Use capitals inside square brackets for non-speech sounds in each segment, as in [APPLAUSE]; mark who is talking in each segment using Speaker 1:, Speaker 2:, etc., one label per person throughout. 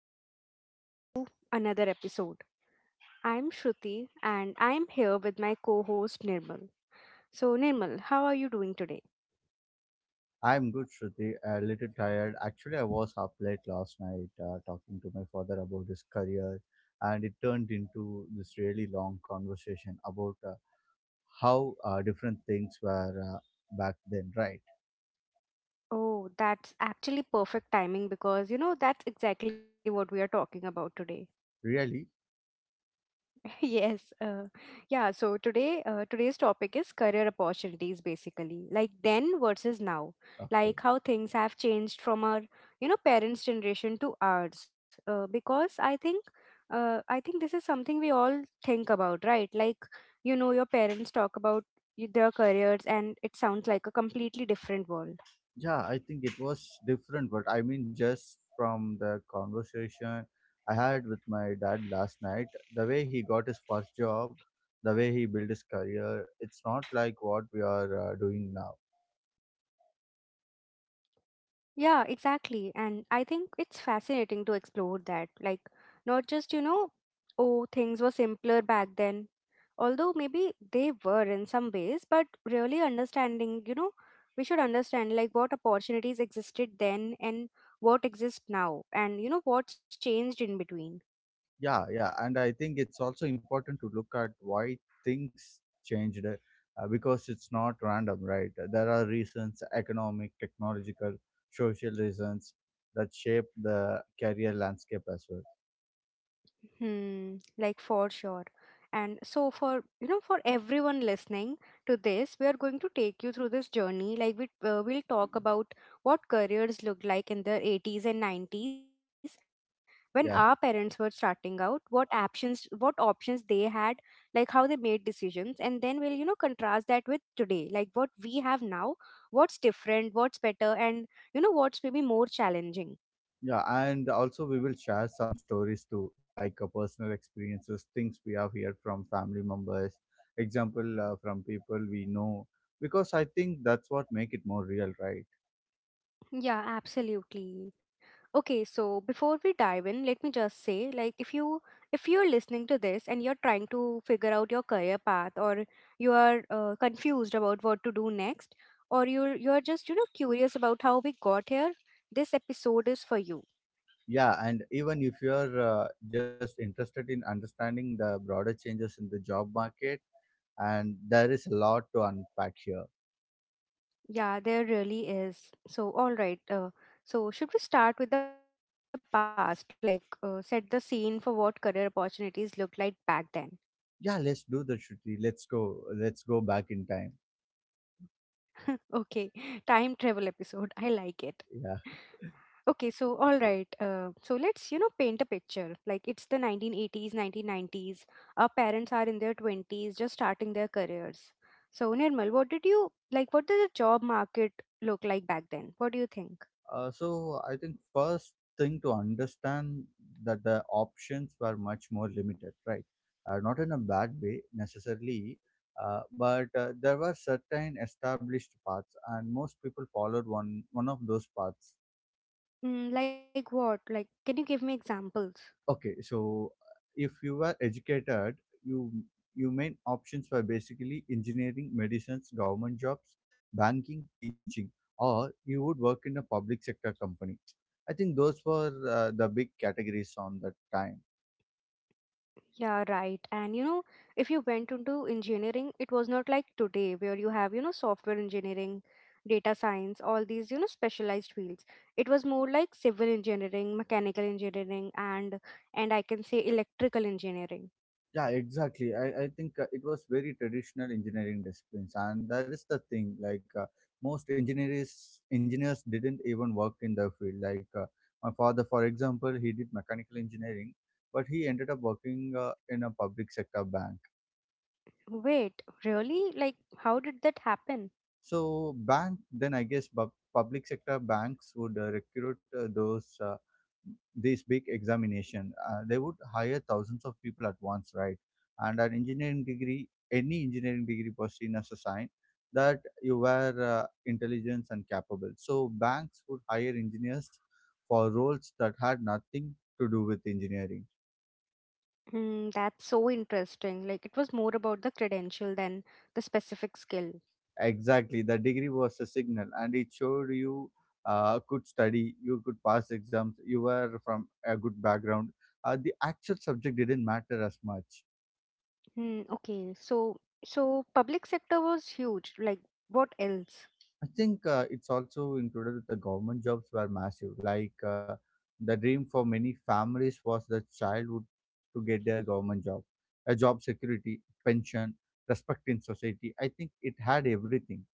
Speaker 1: welcome back to another episode. I'm Shruti and I'm here with my co host Nirmal. So, Nirmal, how are you doing today?
Speaker 2: I'm good, Shruti. A little tired. Actually, I was up late last night talking to my father about his career, and it turned into this really long conversation about how different things were back then, right?
Speaker 1: Oh, that's actually perfect timing because you know that's exactly what we are talking about today.
Speaker 2: Really?
Speaker 1: [LAUGHS] Yes, yeah. So today, today's topic is career opportunities, basically, like then versus now,
Speaker 2: Okay.
Speaker 1: like how things have changed from our, you know, parents' generation to ours. Because I think this is something we all think about, right? Like, you know, your parents talk about their careers, and it sounds like a completely different world.
Speaker 2: Yeah, I think it was different, but I mean, just from the conversation I had with my dad last night, the way he got his first job, the way he built his career, it's not like what we are doing now.
Speaker 1: Yeah, exactly. And I think it's fascinating to explore that. Like, not just, you know, oh, things were simpler back then. Although maybe they were in some ways, but really understanding, you know, we should understand like what opportunities existed then and what exists now and, you know, what's changed in between.
Speaker 2: Yeah, yeah, and I think it's also important to look at why things changed because it's not random, right? There are reasons, economic, technological, social reasons that shape the career landscape as well.
Speaker 1: Hmm, like, for sure. And so for you know for everyone listening to this, we are going to take you through this journey. Like we we'll talk about what careers looked like in the 80s and 90s when
Speaker 2: Yeah,
Speaker 1: our parents were starting out, what options they had, like how they made decisions, and then we'll you know contrast that with today, like what we have now, what's different, what's better, and you know what's maybe more challenging.
Speaker 2: yeah, and also we will share some stories too, like personal experiences, things we have heard from family members, example from people we know, because I think that's what make it more real, right?
Speaker 1: Yeah, absolutely. Okay, so before we dive in, let me just say like if you're listening to this and you're trying to figure out your career path or you are confused about what to do next or you're just you know curious about how we got here, this episode is for you.
Speaker 2: Yeah, and even if you're just interested in understanding the broader changes in the job market, and there is a lot to unpack here.
Speaker 1: Yeah, there really is. So all right, so should we start with the past like set the scene for what career opportunities looked like back then?
Speaker 2: Yeah, let's do the Shruti. Let's go. Let's go back in time.
Speaker 1: [LAUGHS] Okay, time travel episode. I like it.
Speaker 2: Yeah.
Speaker 1: Okay, so all right. So let's, you know, paint a picture. Like it's the 1980s, 1990s. Our parents are in their 20s, just starting their careers. So, Nirmal, what did you like? What did the job market look like back then? What do you think?
Speaker 2: So I think first thing to understand that the options were much more limited, right? Not in a bad way necessarily, but there were certain established paths, and most people followed one of those paths.
Speaker 1: Like what? Like, can you give me examples?
Speaker 2: Okay, so if you are educated, you you main options were basically engineering, medicines, government jobs, banking, teaching, or you would work in a public sector company. I think those were the big categories on that time.
Speaker 1: Yeah, right. And you know, if you went into engineering, it was not like today where you have, you know, software engineering, data science, all these, you know, specialized fields. It was more like civil engineering, mechanical engineering, and I can say electrical engineering.
Speaker 2: Yeah, exactly. I think it was very traditional engineering disciplines, and that is the thing. Like most engineers didn't even work in the field. Like my father, for example, he did mechanical engineering, but he ended up working in a public sector bank.
Speaker 1: Wait, really? Like, how did that happen?
Speaker 2: So bank, then I guess public sector banks would recruit those these big examination. They would hire thousands of people at once, right? And an engineering degree, any engineering degree was seen as a sign that you were intelligent and capable. So banks would hire engineers for roles that had nothing to do with engineering.
Speaker 1: Hmm, that's so interesting. Like, it was more about the credential than the specific skill.
Speaker 2: Exactly. The degree was a signal, and it showed you could study, you could pass exams, you were from a good background. The actual subject didn't matter as much.
Speaker 1: Hmm, okay. So, public sector was huge. Like, what else?
Speaker 2: I think it's also included that the government jobs were massive. Like the dream for many families was the child would to get their government job, a job security, pension, respect in society. I think it had everything.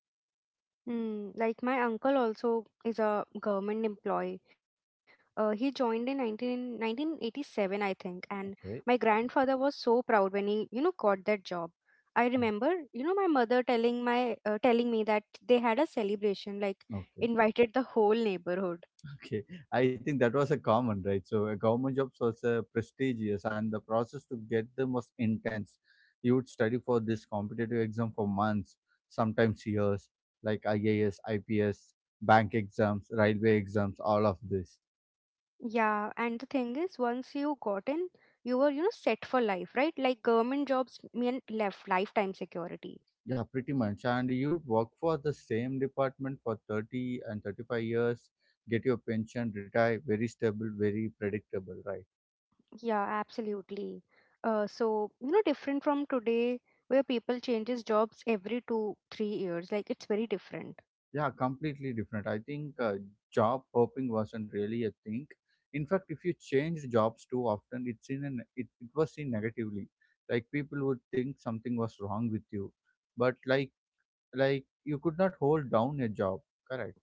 Speaker 1: Hmm. Like my uncle also is a government employee. He joined in 1987, I think, and my
Speaker 2: Okay.
Speaker 1: grandfather was so proud when he, you know, got that job. I remember, you know, my mother telling me that they had a celebration, like
Speaker 2: Mm. Okay.
Speaker 1: invited the whole neighborhood.
Speaker 2: Okay, I think that was a common, right? So, a government jobs was prestigious, and the process to get them was intense. You would study for this competitive exam for months, sometimes years, like IAS, IPS, bank exams, railway exams, all of this.
Speaker 1: Yeah, and the thing is, once you got in, you were, you know, set for life, right? Like government jobs mean left lifetime security.
Speaker 2: Yeah, pretty much. And you'd work for the same department for 30 and 35 years, get your pension, retire, very stable, very predictable, right?
Speaker 1: Yeah, absolutely. So, you know, different from today where people changes jobs every 2, 3 years. Like it's very different.
Speaker 2: Yeah, completely different. I think job hopping wasn't really a thing. In fact, if you changed jobs too often, it's in an, it was seen negatively. Like people would think something was wrong with you, but like you could not hold down a job. Correct.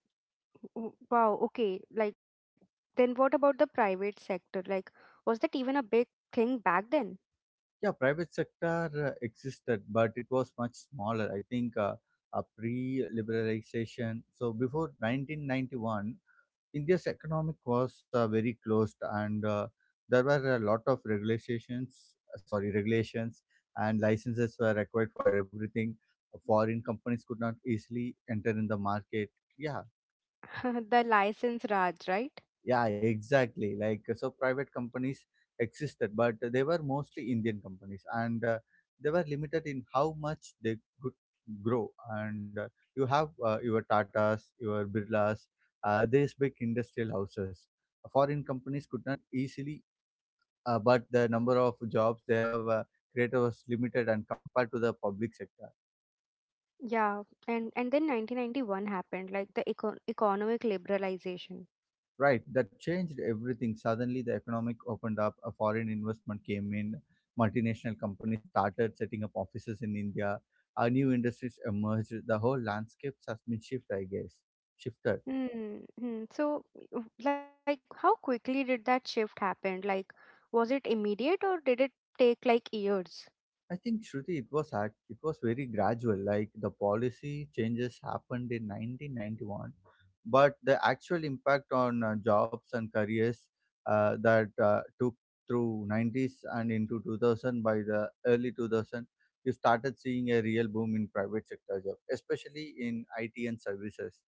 Speaker 1: Wow, okay. Like then what about the private sector? Like was that even a big thing back then?
Speaker 2: Yeah, private sector existed, but it was much smaller. I think a pre-liberalization. So before 1991. India's economic was very closed, and there were a lot of regulations. Sorry, regulations and licenses were required for everything. Foreign companies could not easily enter in the market. Yeah,
Speaker 1: [LAUGHS] The license Raj, right?
Speaker 2: yeah, exactly. Like so, private companies existed, but they were mostly Indian companies, and they were limited in how much they could grow. And you have your Tatas, your Birlas, these big industrial houses. Foreign companies could not easily, but the number of jobs they have created was limited, and compared to the public sector.
Speaker 1: Yeah, and then 1991 happened, like the economic liberalization.
Speaker 2: Right, that changed everything. Suddenly, the economic opened up. A foreign investment came in. Multinational companies started setting up offices in India. Our new industries emerged. The whole landscape has been shifted, I guess. Shifted.
Speaker 1: Hmm. Hmm. So, like, how quickly did that shift happen? Like, was it immediate or did it take like years?
Speaker 2: I think Shruti, it was very gradual. Like the policy changes happened in 1991, but the actual impact on jobs and careers that took through 90s and into 2000 by the early 2000, you started seeing a real boom in private sector jobs, especially in IT and services.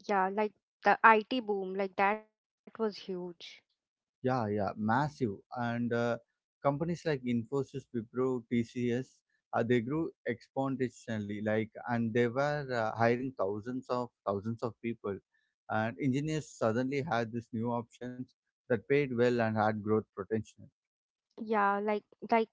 Speaker 1: Yeah, like the IT boom, like that was huge.
Speaker 2: Yeah, yeah, massive. And companies like Infosys, Wipro, TCS, they grew exponentially. Like, and they were hiring thousands of people. And engineers suddenly had these new options that paid well and had growth potential.
Speaker 1: Yeah, like,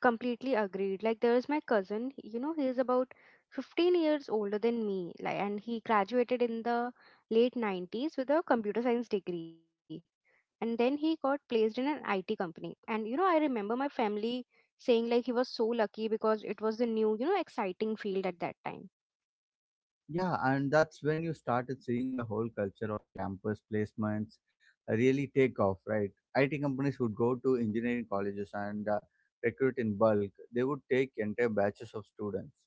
Speaker 1: completely agreed. Like, there is my cousin, you know, he is about 15 years older than me, like, and he graduated in the late 90s with a computer science degree, and then he got placed in an IT company. And you know, I remember my family saying like he was so lucky because it was a new, you know, exciting field at that time.
Speaker 2: Yeah, and that's when you started seeing the whole culture of campus placements really take off, right? IT companies would go to engineering colleges and recruit in bulk. They would take entire batches of students.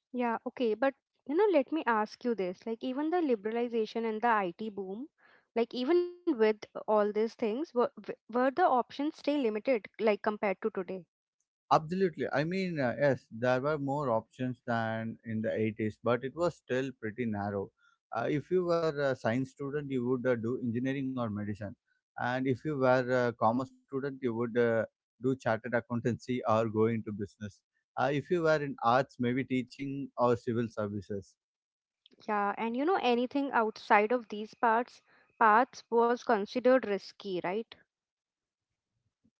Speaker 1: Yeah, okay, but you know, let me ask you this. Like, even the liberalization and the IT boom, like, even with all these things, were the options still limited, like, compared to today?
Speaker 2: Absolutely. I mean, yes, there were more options than in the 80s, but it was still pretty narrow. If you were a science student, you would do engineering or medicine. And if you were a commerce student, you would do chartered accountancy or go into business. If you were in arts, maybe teaching or civil services.
Speaker 1: Yeah, and you know, anything outside of these parts paths was considered risky, right?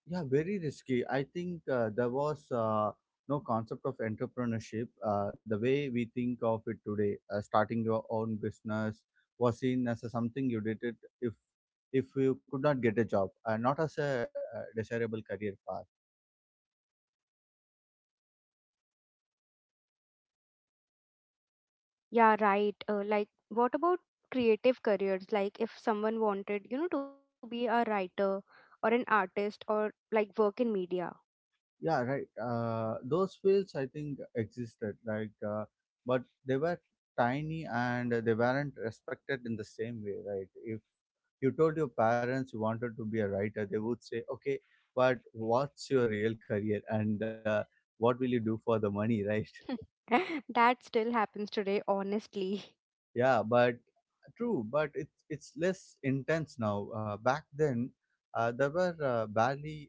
Speaker 2: Yeah, very risky. I think there was no concept of entrepreneurship. The way we think of it today, starting your own business was seen as a something you did it if you could not get a job, not as a desirable career path.
Speaker 1: Yeah, right. Like, what about creative careers? Like, if someone wanted, you know, to be a writer or an artist or like work in media,
Speaker 2: Yeah, right. Those fields I think existed, like, but they were tiny and they weren't respected in the same way, right? If you told your parents you wanted to be a writer, they would say okay, but what's your real career, and what will you do for the money, right?
Speaker 1: [LAUGHS] that still happens today, honestly.
Speaker 2: [LAUGHS] Yeah, but true, but it's less intense now. Back then, there were barely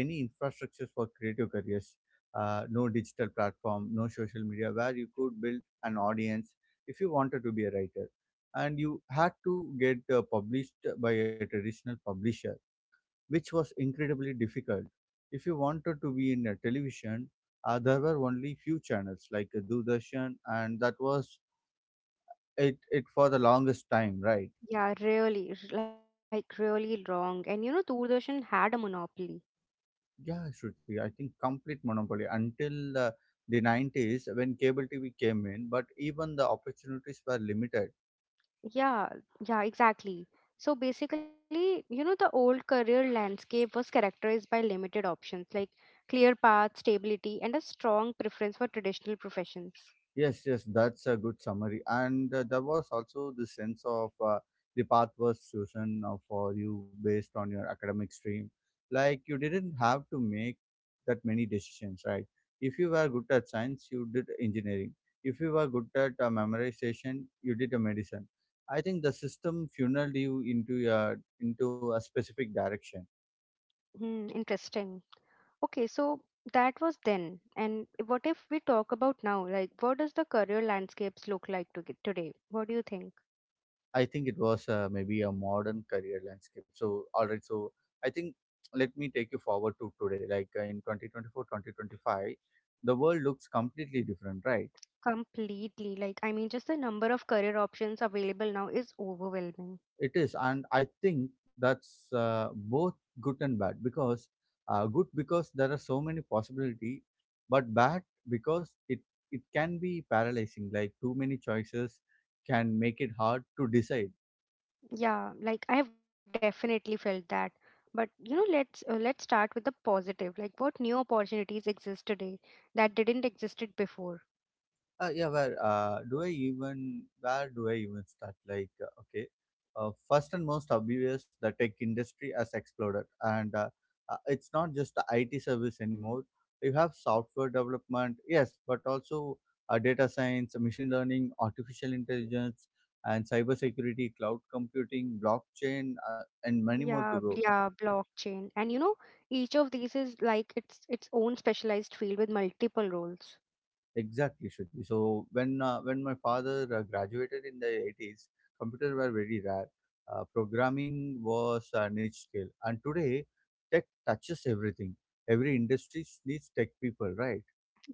Speaker 2: any infrastructures for creative careers. No digital platform, no social media where you could build an audience. If you wanted to be a writer, and you had to get published by a traditional publisher, which was incredibly difficult. If you wanted to be in a television, there were only few channels like Doordarshan, and that was it for the longest time, right?
Speaker 1: Yeah, really, like really wrong. And you know, Doordarshan had a monopoly.
Speaker 2: Yeah, Shruti, I think complete monopoly until the 90s when cable TV came in, but even the opportunities were limited.
Speaker 1: Yeah, yeah, exactly. So basically, you know, the old career landscape was characterized by limited options like clear path, stability, and a strong preference for traditional professions.
Speaker 2: Yes, yes, that's a good summary. And there was also the sense of the path was chosen for you based on your academic stream. Like you didn't have to make that many decisions, right? If you were good at science, you did engineering. If you were good at memorization, you did a medicine. I think the system funneled you into a specific direction.
Speaker 1: Hmm, interesting. Okay, so that was then. And what if we talk about now? Like, what does the career landscapes look like to today? What do you think?
Speaker 2: I think it was maybe a modern career landscape. So, all right. So, I think let me take you forward to today. Like in 2024, 2025, the world looks completely different, right?
Speaker 1: Completely. Like, I mean, just the number of career options available now is overwhelming.
Speaker 2: It is. And I think that's both good and bad because good because there are so many possibility, but bad because it can be paralyzing. Like too many choices can make it hard to decide.
Speaker 1: Yeah, like I have definitely felt that. But you know, let's start with the positive. Like, what new opportunities exist today that didn't existed before?
Speaker 2: Yeah, where do I even start? Like, okay, first and most obvious, the tech industry has exploded, and it's not just the IT service anymore. You have software development, yes, but also data science, machine learning, artificial intelligence, and cybersecurity, cloud computing, blockchain, and many more to
Speaker 1: Yeah,
Speaker 2: go.
Speaker 1: yeah, blockchain, and you know, each of these is like its own specialized field with multiple roles.
Speaker 2: Exactly, Shruti. So when my father graduated in the 80s, computers were very rare. Programming was a niche skill, and today tech touches everything. Every industry needs tech people, right?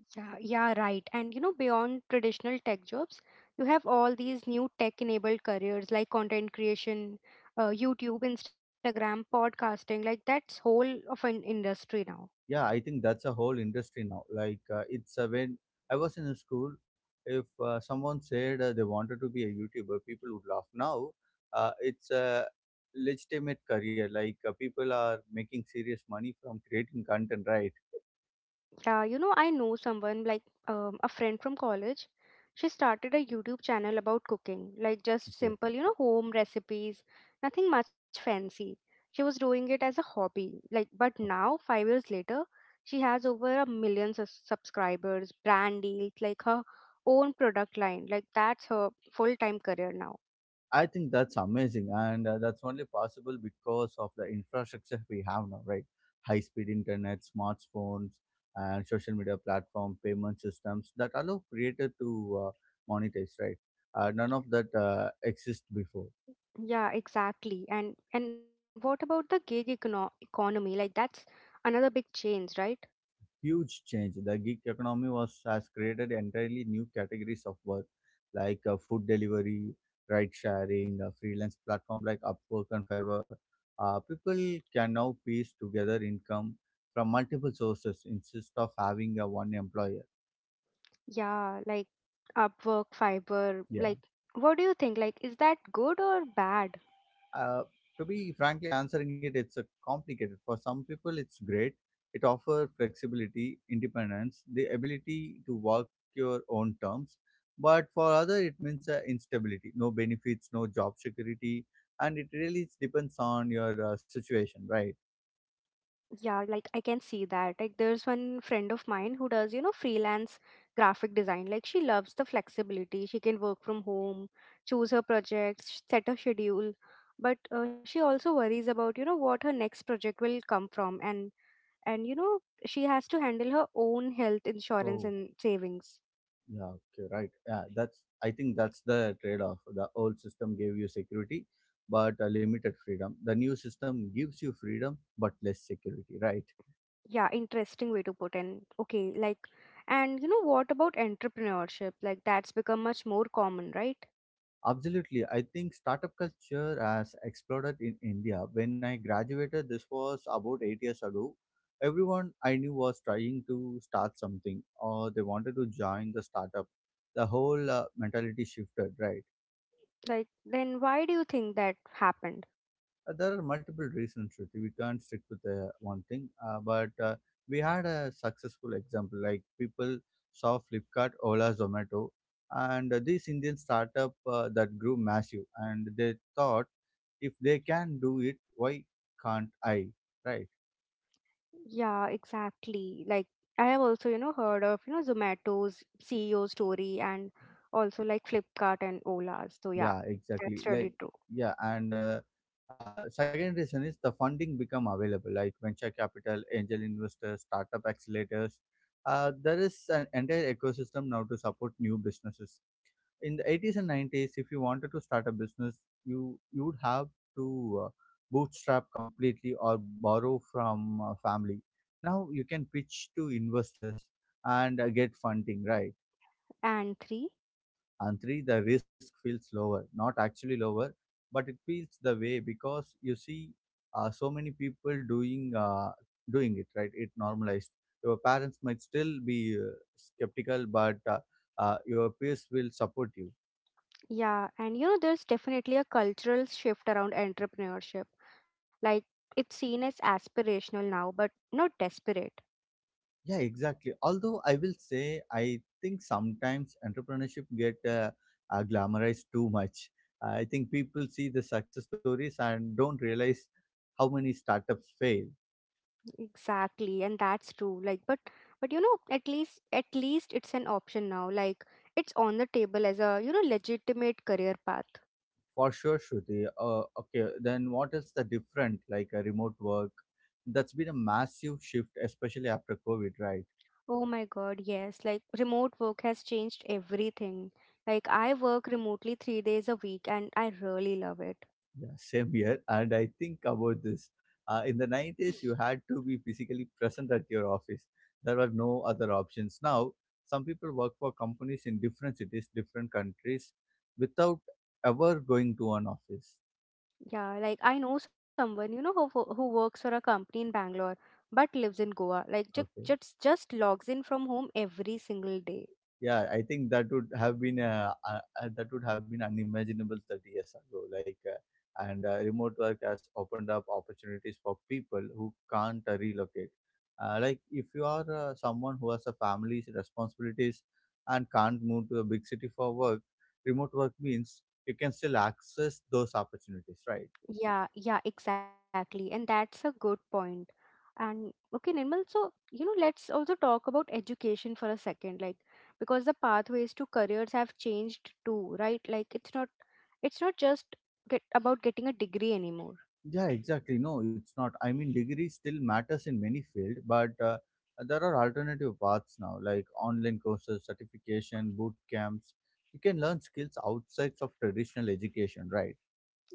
Speaker 1: Yeah, yeah, right. And you know, beyond traditional tech jobs, you have all these new tech-enabled careers like content creation, YouTube, Instagram, podcasting, like that's whole of an industry now.
Speaker 2: Yeah, I think that's a whole industry now. Like it's when I was in school, if someone said they wanted to be a YouTuber, people would laugh. Now it's a legitimate career. Like people are making serious money from creating content, right?
Speaker 1: You know, I know someone like a friend from college. She started a YouTube channel about cooking, like just simple, you know, home recipes, nothing much fancy. She was doing it as a hobby, like, but now, 5 years later, she has over a million subscribers, brand deals, like her own product line. Like that's her full-time career now.
Speaker 2: I think that's amazing, and that's only possible because of the infrastructure we have now, right? High speed internet, smartphones, and social media platform, payment systems that allow creator to monetize, right? None of that exists before.
Speaker 1: Yeah, exactly. And what about the gig economy? Like that's another big change, right?
Speaker 2: Huge change. The gig economy was has created entirely new categories of work like food delivery, ride sharing, freelance platform like Upwork and Fiverr. People can now piece together income from multiple sources instead of having a one employer.
Speaker 1: Yeah, like Upwork, Fiverr,
Speaker 2: Yeah.
Speaker 1: like what do you think? Like, is that good or bad?
Speaker 2: Uh, to be frankly answering it, it's a complicated. For some people, it's great. It offers flexibility, independence, the ability to work your own terms. But for other, it means instability, no benefits, no job security, and it really depends on your situation, right?
Speaker 1: Yeah, like I can see that. Like, there's one friend of mine who does, you know, freelance graphic design. Like, she loves the flexibility. She can work from home, choose her projects, set her schedule. But she also worries about, you know, what her next project will come from, and you know, she has to handle her own health insurance
Speaker 2: Oh,
Speaker 1: and savings.
Speaker 2: yeah, okay, right. Yeah, that's. I think that's the trade-off. The old system gave you security, but limited freedom. The new system gives you freedom, but less security, right?
Speaker 1: Yeah, interesting way to put in. Okay, like, and you know what about entrepreneurship? Like, that's become much more common, right?
Speaker 2: Absolutely. I think startup culture has exploded in India. When I graduated, this was about 8 years ago. Everyone I knew was trying to start something or they wanted to join the startup. The whole mentality shifted, right?
Speaker 1: Like, then why do you think that happened?
Speaker 2: There are multiple reasons, Shruti. We can't stick with one thing. But we had a successful example, like people saw Flipkart, Ola, Zomato, and this Indian startup that grew massive, and they thought, if they can do it, why can't I? Right?
Speaker 1: Yeah, exactly. Like, I have also, you know, heard of, you know, Zomato's CEO story and also like Flipkart and Ola's. So, yeah,
Speaker 2: Yeah,
Speaker 1: that's
Speaker 2: exactly.
Speaker 1: really
Speaker 2: Like,
Speaker 1: true.
Speaker 2: yeah, and second reason is the funding become available, like venture capital, angel investors, startup accelerators. There is an entire ecosystem now to support new businesses. In the 80s and 90s, if you wanted to start a business, you would have to bootstrap completely or borrow from family. Now you can pitch to investors and get funding, right?
Speaker 1: And three,
Speaker 2: And three, the risk feels lower, not actually lower, but it feels the way because you see so many people doing it, right? It normalized. Your parents might still be uh, skeptical, but your peers will support you.
Speaker 1: yeah, and you know, there's definitely a cultural shift around entrepreneurship. Like, it's seen as aspirational now, but not desperate.
Speaker 2: Yeah, exactly, although I will say I think sometimes entrepreneurship get glamorized too much. I think people see the success stories and don't realize how many startups fail.
Speaker 1: Exactly, and that's true. Like, but you know, at least it's an option now. Like, it's on the table as a you know legitimate career path.
Speaker 2: For sure, Shruti. Okay, then what is the different like a remote work? That's been a massive shift, especially after COVID, right?
Speaker 1: Oh my God, yes. Like, remote work has changed everything. Like, I work remotely 3 days a week, and I really love it.
Speaker 2: Yeah, same here. And I think about this. In the 90s, you had to be physically present at your office. There were no other options. Now, some people work for companies in different cities, different countries, without ever going to an office.
Speaker 1: Yeah, like I know someone you know who works for a company in Bangalore but lives in Goa. Like,
Speaker 2: Okay.
Speaker 1: just logs in from home every single day.
Speaker 2: Yeah, I think that would have been that would have been unimaginable 30 years ago. Like, and remote work has opened up opportunities for people who can't relocate. Like, if you are someone who has a family's responsibilities and can't move to a big city for work, remote work means you can still access those opportunities, right?
Speaker 1: Yeah, yeah, exactly. And that's a good point. And okay, Nirmal, so you know, let's also talk about education for a second, like because the pathways to careers have changed too, right? Like it's not just get about getting a degree anymore.
Speaker 2: Yeah, exactly. No, it's not. I mean, degree still matters in many fields, but there are alternative paths now, like online courses, certification, boot camps. You can learn skills outside of traditional education, right?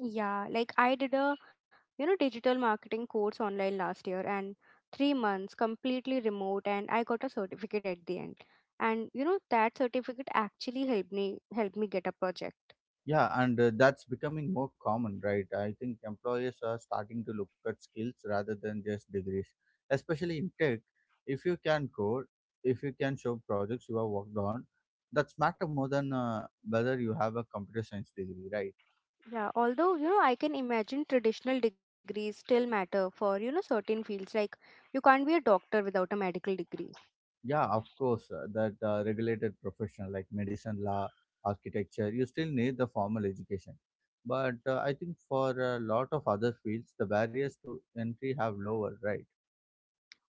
Speaker 1: Yeah, like I did a you know digital marketing course online last year and 3 months completely remote and I got a certificate at the end. And you know that certificate actually helped me get a project.
Speaker 2: Yeah, and That's becoming more common, right? I think employers are starting to look at skills rather than just degrees, especially in tech. If you can code, if you can show projects you have worked on, that's matter more than whether you have a computer science degree, right?
Speaker 1: Yeah, although, you know, I can imagine traditional degrees still matter for, you know, certain fields. Like, you can't be a doctor without a medical degree.
Speaker 2: Yeah, of course, that regulated profession like medicine, law, architecture, you still need the formal education. But I think for a lot of other fields, the barriers to entry have lower, right?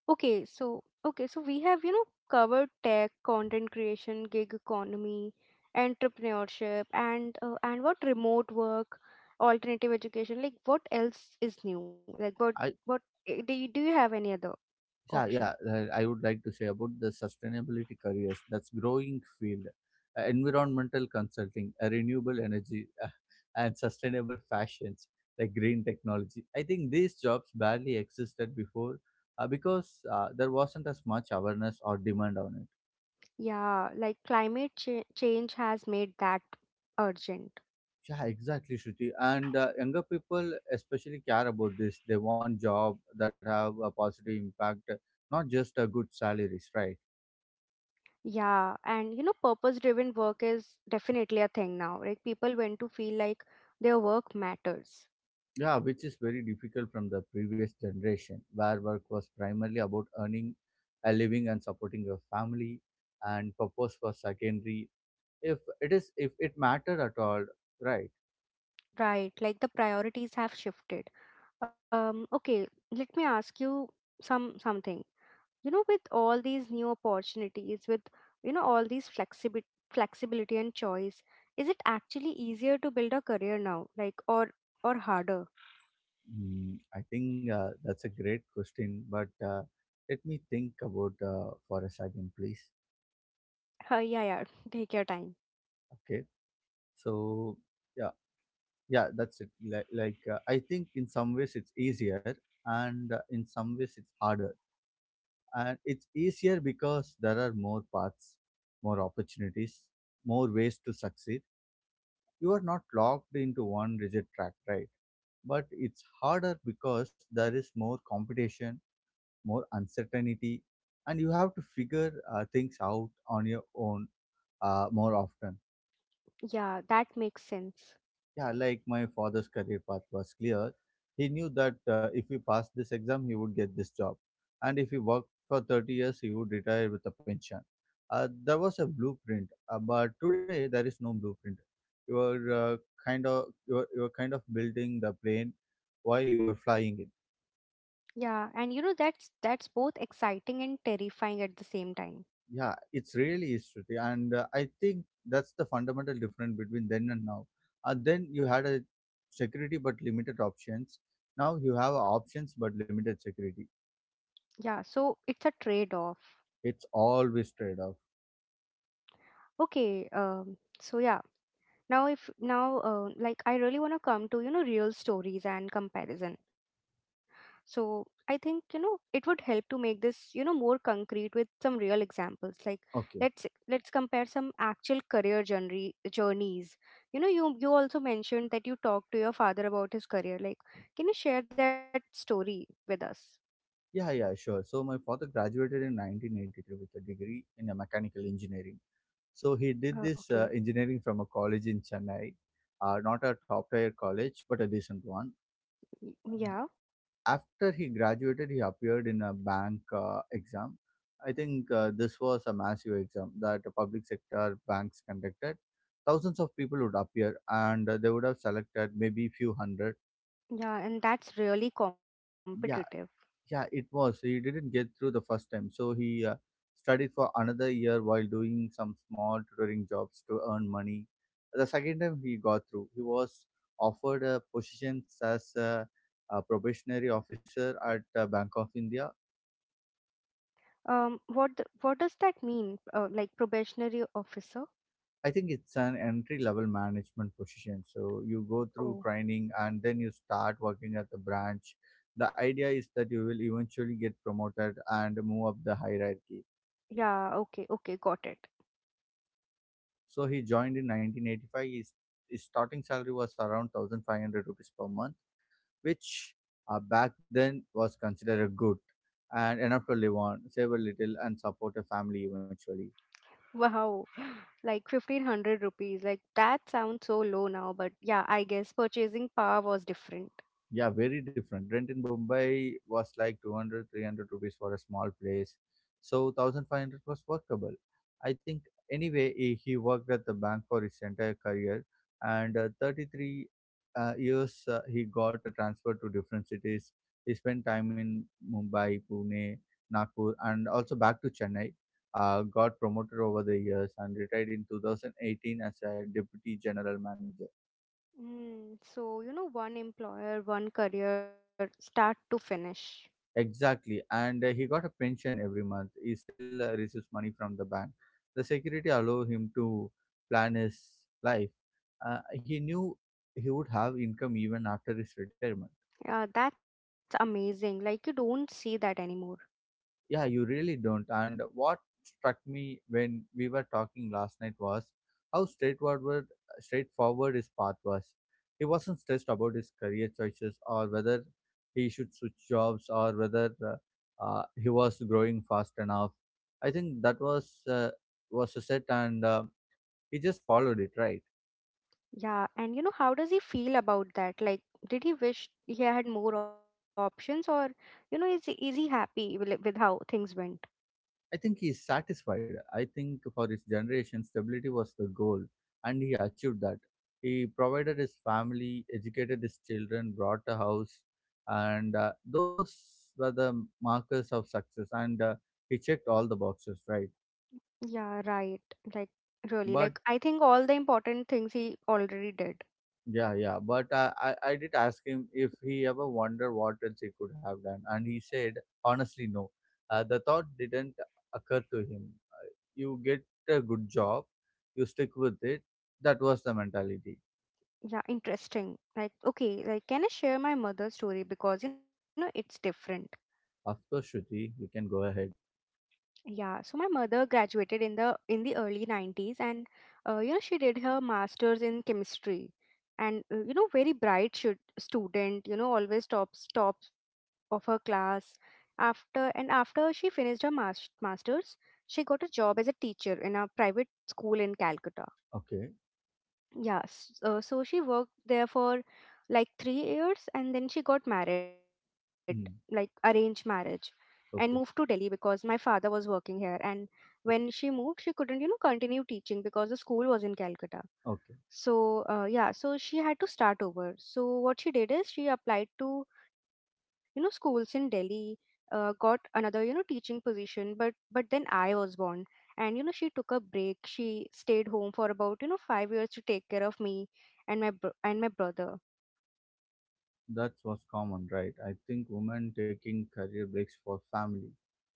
Speaker 1: Okay, so, okay, so we have, you know, covered tech, content creation, gig economy, entrepreneurship, and what, remote work, alternative education, like, what, else is new? Like,
Speaker 2: I
Speaker 1: what, do you have any other
Speaker 2: yeah yeah
Speaker 1: option?
Speaker 2: I would like to say about the sustainability careers, that's growing field. Environmental consulting, renewable energy, and sustainable fashions like green technology. I think these jobs barely existed before because there wasn't as much awareness or demand on it.
Speaker 1: Yeah, like, climate change has made that urgent.
Speaker 2: Yeah, exactly, Shruti. And younger people especially care about this. They want job that have a positive impact, not just good salaries, right?
Speaker 1: Yeah, and you know, purpose-driven work is definitely a thing now. Like people want to feel like their work matters,
Speaker 2: Yeah, which is very difficult from the previous generation, where work was primarily about earning a living and supporting your family, and purpose was secondary. If it mattered at all, right?
Speaker 1: right? Like the priorities have shifted. Okay, let me ask you something. You know, with all these new opportunities, with you know all these flexibility and choice, is it actually easier to build a career now, like or harder?
Speaker 2: Mm, I think that's a great question, but let me think about for a second, please.
Speaker 1: Yeah, yeah. [LAUGHS] Take your time.
Speaker 2: Okay, so yeah, yeah, that's it. I think in some ways it's easier, and in some ways it's harder. And it's easier because there are more paths, more opportunities, more ways to succeed. You are not locked into one rigid track, right? But it's harder because there is more competition, more uncertainty, and you have to figure things out on your own more often.
Speaker 1: Yeah, that makes sense.
Speaker 2: Yeah, like my father's career path was clear. He knew that if he passed this exam, he would get this job. And if he worked for 30 years, he would retire with a pension. There was a blueprint, but today there is no blueprint. You are kind of, you are kind of building the plane while you are flying it.
Speaker 1: Yeah, and you know that's both exciting and terrifying at the same time.
Speaker 2: Yeah, it's really is, Shruti. And I think that's the fundamental difference between then and now. Then you had a security but limited options. Now you have options but limited security.
Speaker 1: Yeah, so it's a trade-off.
Speaker 2: It's always trade off.
Speaker 1: Okay. Now if now Like I really want to come to, you know, real stories and comparison. So I think, you know, it would help to make this, you know, more concrete with some real examples. Like let's
Speaker 2: Okay.
Speaker 1: let's compare some actual career journeys. You know, you also mentioned that you talked to your father about his career. Like, can you share that story with us?
Speaker 2: Yeah, yeah, sure. So my father graduated in 1983 with a degree in a mechanical engineering. So he
Speaker 1: Uh,
Speaker 2: did
Speaker 1: okay.
Speaker 2: this engineering from a college in Chennai, not a top tier college, but a decent one.
Speaker 1: Y-
Speaker 2: Uh,
Speaker 1: Yeah.
Speaker 2: After he graduated, he appeared in a bank exam. I think this was a massive exam that the public sector banks conducted. Thousands of people would appear, and they would have selected maybe few hundred.
Speaker 1: Yeah, and that's really competitive.
Speaker 2: Yeah, yeah, it was. He didn't get through the first time, so he studied for another year while doing some small tutoring jobs to earn money. The second time he got through, he was offered a position as a probationary officer at Bank of India.
Speaker 1: What does that mean? Like probationary officer?
Speaker 2: I think it's an entry level management position. So you go through
Speaker 1: Oh,
Speaker 2: training and then you start working at the branch. The idea is that you will eventually get promoted and move up the hierarchy.
Speaker 1: yeah. Okay. Okay. Got it.
Speaker 2: So he joined in 1985. His starting salary was around 1500 rupees per month, which back then was considered a good and enough to live on, save a little, and support a family eventually.
Speaker 1: Wow. [GASPS] Like 1500 rupees. Like that sounds so low now, but yeah, I guess purchasing power was different.
Speaker 2: Yeah, very different. Rent in Mumbai was like 200, 300 rupees for a small place. So 1500 was workable. I think anyway, he worked at the bank for his entire career, and 33 years he got a transfer to different cities. He spent time in Mumbai, Pune, Nagpur, and also back to Chennai. Got promoted over the years and retired in 2018 as a deputy general manager.
Speaker 1: Mm, so, you know, one employer, one career, start to finish.
Speaker 2: Exactly, and he got a pension every month. He still receives money from the bank. The security allowed him to plan his life. He knew he would have income even after his retirement.
Speaker 1: Yeah, that's amazing. Like you don't see that anymore.
Speaker 2: Yeah, you really don't. And what struck me when we were talking last night was how straightforward his path was. He wasn't stressed about his career choices or whether he should switch jobs or whether he was growing fast enough. I think that was a set, and he just followed it, right?
Speaker 1: Yeah, and you know, how does he feel about that? Like, did he wish he had more options, or you know, is he happy with how things went?
Speaker 2: I think he is satisfied. I think for his generation, stability was the goal, and he achieved that. He provided his family, educated his children, bought a house, and those were the markers of success. And he checked all the boxes, right?
Speaker 1: Yeah, right. Like, really,
Speaker 2: But
Speaker 1: like I think all the important things he already did.
Speaker 2: yeah, yeah. But I did ask him if he ever wondered what else he could have done, and he said, honestly, no. The thought didn't occur to him. Uh, You get a good job, you stick with it. That was the mentality.
Speaker 1: Yeah, interesting. Like, okay, like can I share my mother's story because you know it's different.
Speaker 2: Of course, Shruti, you can go ahead.
Speaker 1: Yeah, so my mother graduated in the early 90s, and you know she did her masters in chemistry. And you know, very student, you know, always tops of her class. After she finished her masters, she got a job as a teacher in a private school in Calcutta.
Speaker 2: Okay.
Speaker 1: So she worked there for like 3 years, and then she got married, like arranged
Speaker 2: Mm.
Speaker 1: marriage, and moved to Delhi
Speaker 2: Okay.
Speaker 1: because my father was working here. And when
Speaker 2: Okay.
Speaker 1: she moved, she couldn't, you know, continue teaching because the school was in Calcutta.
Speaker 2: Okay.
Speaker 1: So yeah, so she had to start over. So what she did is she applied to, you know, schools in Delhi, got another, you know, teaching position, but then I was born, and you know she took a break. She stayed home for about, you know, 5 years to take care of me and my brother.
Speaker 2: That was common, right? I think women taking career breaks for family.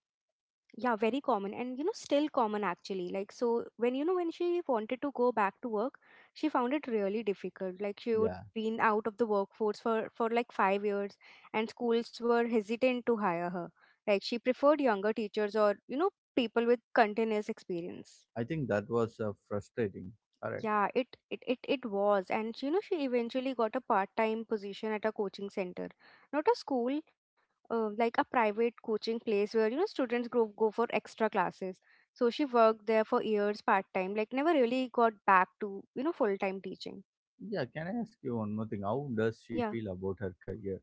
Speaker 1: Yeah, very common, and you know still common actually. Like, so when, you know, when she wanted to go back to work, she found it really difficult. Like she would
Speaker 2: Yeah.
Speaker 1: been out of the workforce for like 5 years, and schools were hesitant to hire her. Like she preferred younger teachers, or you know, people with continuous experience.
Speaker 2: I think that was frustrating. Correct.
Speaker 1: Yeah, it was, and you know she eventually got a part-time position at a coaching center, not a school, like a private coaching place where you know students go for extra classes. So she worked there for years part-time, like never really got back to, you know, full-time teaching.
Speaker 2: Yeah, can I ask you one more thing? How does she feel
Speaker 1: Yeah.
Speaker 2: about her career?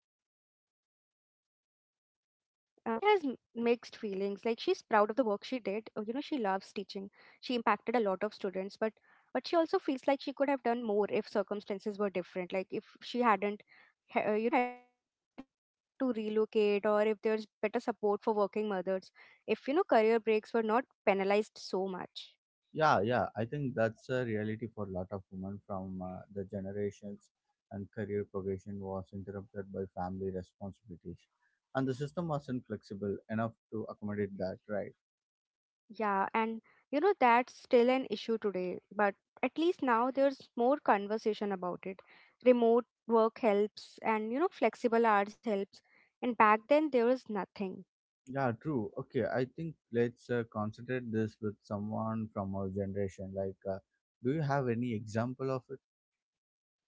Speaker 1: I think she has mixed feelings. Like, she's proud of the work she did. You know, she loves teaching. She impacted a lot of students, but she also feels like she could have done more if circumstances were different. Like, if she hadn't, ha- you know, hadn't had to relocate, or if there's better support for working mothers, if you know career breaks were not penalized so much.
Speaker 2: Yeah, yeah, I think that's a reality for a lot of women from the generations, and career progression was interrupted by family responsibilities, and the system wasn't flexible enough to accommodate that, right?
Speaker 1: Yeah, and you know that's still an issue today, but at least now there's more conversation about it. Remote work helps, and you know flexible hours helps. And back then there was nothing.
Speaker 2: Yeah, true. Okay, I think let's concentrate this with someone from our generation. Like, do you have any example of it?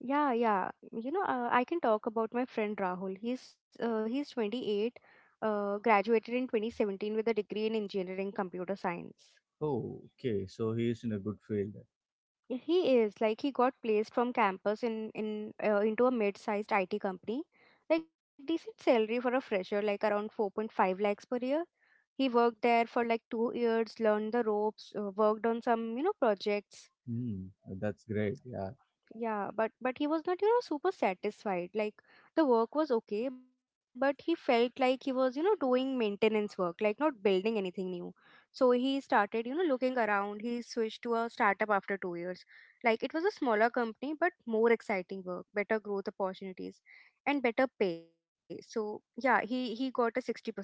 Speaker 1: Yeah, yeah. You know, I can talk about my friend Rahul. He's 28, graduated in 2017 with a degree in engineering computer science.
Speaker 2: Oh, okay, so he is in a good field.
Speaker 1: He is like he got placed from campus in into a mid-sized IT company. Like decent salary for a fresher, like around 4.5 lakhs per year. He worked there for like 2 years, learned the ropes, worked on some, you know, projects.
Speaker 2: Hmm, that's great. Yeah,
Speaker 1: Yeah, but he was not, you know, super satisfied. Like the work was okay, but he felt like he was, you know, doing maintenance work, like not building anything new. So he started, you know, looking around. He switched to a startup after 2 years. Like it was a smaller company, but more exciting work, better growth opportunities, and better pay. So yeah, he got a 60% jump.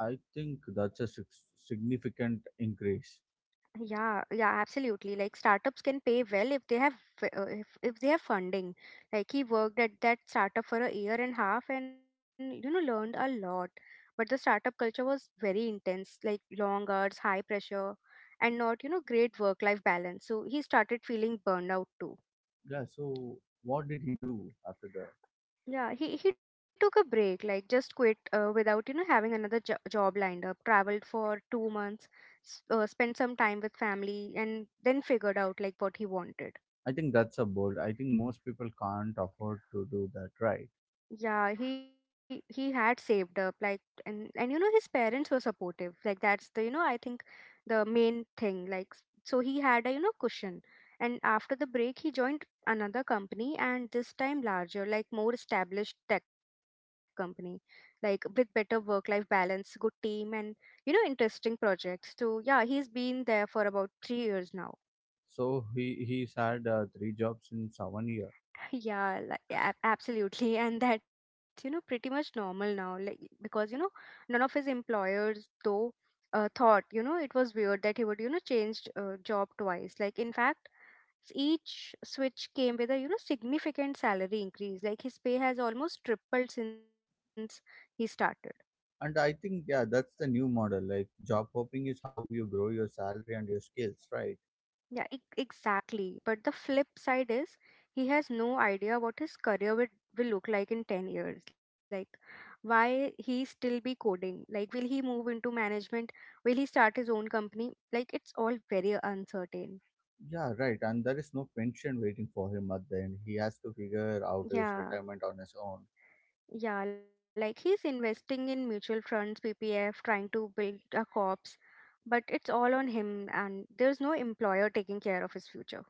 Speaker 2: I think that's significant increase.
Speaker 1: Yeah, yeah, absolutely. Like startups can pay well if they have if they have funding. Like he worked at that startup for a year and a half, and you know learned a lot. But the startup culture was very intense, like long hours, high pressure, and not, you know, great work-life balance. So he started feeling burned out too.
Speaker 2: Yeah, so what did he do after that?
Speaker 1: Yeah, he took a break, like just quit without, you know, having another job lined up, traveled for 2 months, spent some time with family, and then figured out like what he wanted.
Speaker 2: I think that's a bold. I think most people can't afford to do that, right?
Speaker 1: Yeah, he had saved up, like, and you know his parents were supportive. Like that's the, you know, I think the main thing, so he had a, you know, cushion. And after the break he joined another company, and this time larger, like more established tech company, like with better work life balance, good team, and you know interesting projects. So yeah, he's been there for about 3 years now.
Speaker 2: So he he's had three jobs in 7 year,
Speaker 1: Yeah, like, yeah, absolutely. And that's, you know, pretty much normal now. Like, because, you know, none of his employers, though, thought, you know, it was weird that he would, you know, change job twice. Like, in fact, each switch came with a, you know, significant salary increase. Like, his pay has almost tripled since he started.
Speaker 2: and I think yeah, that's the new model. Like job hopping is how you grow your salary and your skills, right?
Speaker 1: Yeah, exactly. But the flip side is he has no idea what his will look like in 10 years. Like, why he still be coding? Like, will he move into management? Will he start his own company? Like, it's all very uncertain.
Speaker 2: Yeah, right. And there is no pension waiting for him at the end. He has to figure out his
Speaker 1: Yeah,
Speaker 2: retirement on his own.
Speaker 1: yeah. Like, he's investing in mutual funds, PPF, trying to build a corpse, but it's all on him, and there's no employer taking care of his future.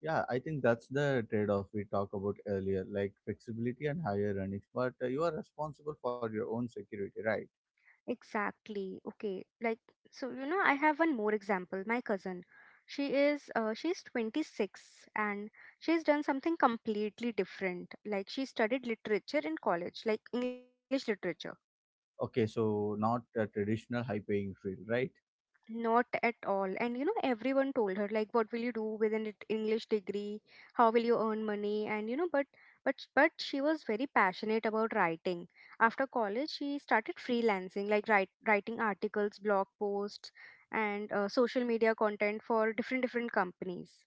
Speaker 2: Yeah, I think that's the trade-off we talked about earlier, like flexibility and higher earnings. But you are responsible for your own security, right?
Speaker 1: Exactly. Okay. Like so you know I have one more example. My cousin. She's 26, and she's done something completely different. Like she studied literature in college, like English literature.
Speaker 2: Okay, so not a traditional high-paying field, right?
Speaker 1: Not at all. And you know, everyone told her like, "What will you do with an English degree? How will you earn money?" And you know, but she was very passionate about writing. After college, she started freelancing, like writing articles, blog posts, and social media content for different companies.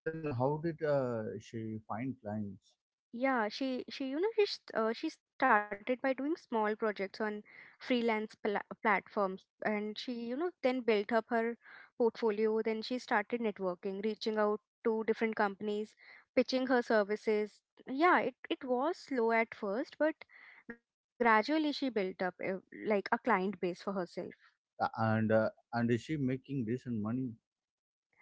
Speaker 2: Then how did she find clients?
Speaker 1: Yeah, she you know she st- she started by doing small projects on freelance platforms, and she you know then built up her portfolio. Then she started networking, reaching out to different companies, pitching her services. Yeah, it was slow at first, but gradually she built up like a client base for herself.
Speaker 2: And and is she making decent money?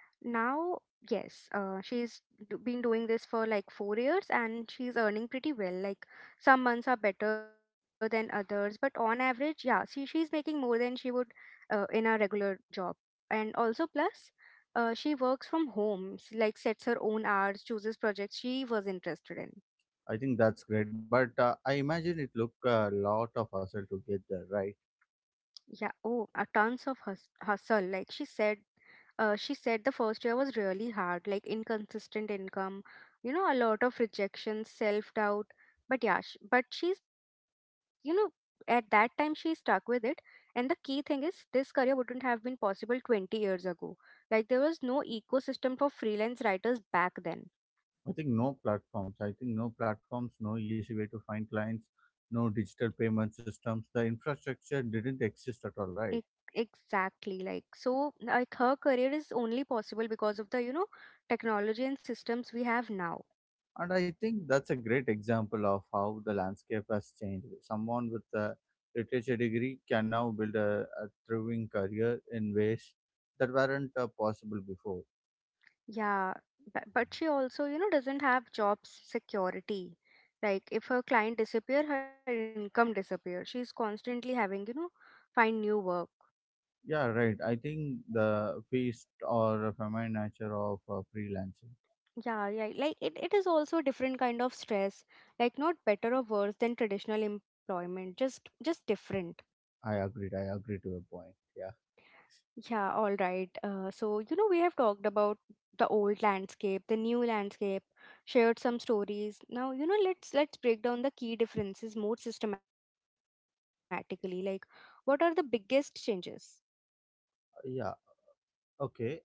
Speaker 1: Now, yes, she's been doing this for like 4 years, and she's earning pretty well. Like some months are better than others, but on average, yeah, she she's making more than she would in a regular job. And also plus, she works from home, like sets her own hours, chooses projects she was interested in.
Speaker 2: I think that's great, but I imagine it took a lot of hustle to get there, right?
Speaker 1: Yeah. Oh, a tons of hustle. Like she said, she said the first year was really hard, like inconsistent income, you know, a lot of rejection, self doubt. But yeah, but she's, you know, at that time she stuck with it. And the key thing is, this career wouldn't have been possible 20 years ago. Like there was no ecosystem for freelance writers back then.
Speaker 2: I think no platforms, no easy way to find clients, no digital payment systems. The infrastructure didn't exist at all,
Speaker 1: Ex-
Speaker 2: right?
Speaker 1: Exactly. Like so, like her career is only possible because of the, you know, technology and systems we have now.
Speaker 2: And I think that's a great example of how the landscape has changed. Someone with a literature degree can now build a thriving career in ways that weren't possible before.
Speaker 1: Yeah, but, she also, you know, doesn't have job security. Like if her client disappear, her income disappear. She's constantly having, you know, find new work.
Speaker 2: Yeah, right. I think the feast or feminine nature of freelancing.
Speaker 1: Yeah, yeah. Like it is also a different kind of stress. Like not better or worse than traditional employment, just different.
Speaker 2: I agree to your point. Yeah.
Speaker 1: Yeah, all right. So, you know, we have talked about the old landscape, the new landscape, shared some stories. Now, you know, let's break down the key differences more systematically. Like, what are the biggest changes?
Speaker 2: Yeah. Okay.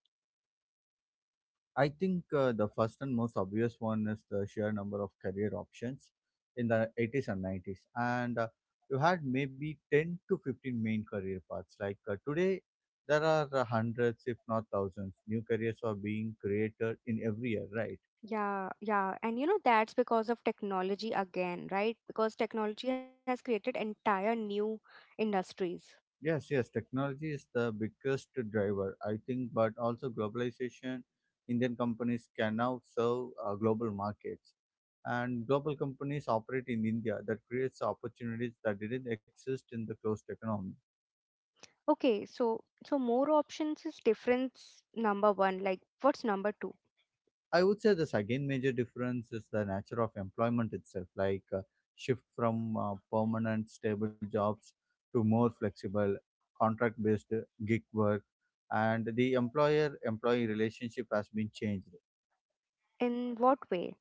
Speaker 2: I think the first and most obvious one is the sheer number of career options in the 80s and 90s. And You had maybe 10 to 15 main career paths. Today, there are hundreds, if not thousands, new careers are being created in every year, right?
Speaker 1: Yeah, yeah. And you know, that's because of technology again, right? Because technology has created entire new industries.
Speaker 2: Yes, yes, technology is the biggest driver, I think, but also globalization. Indian companies can now serve global markets, and global companies operate in India. That creates opportunities that didn't exist in the closed economy.
Speaker 1: Okay, so so more options is difference number one. Like, what's number two?
Speaker 2: I would say the second major difference is the nature of employment itself, like shift from permanent stable jobs to more flexible contract-based gig work, and the employer-employee relationship has been changed.
Speaker 1: In what way?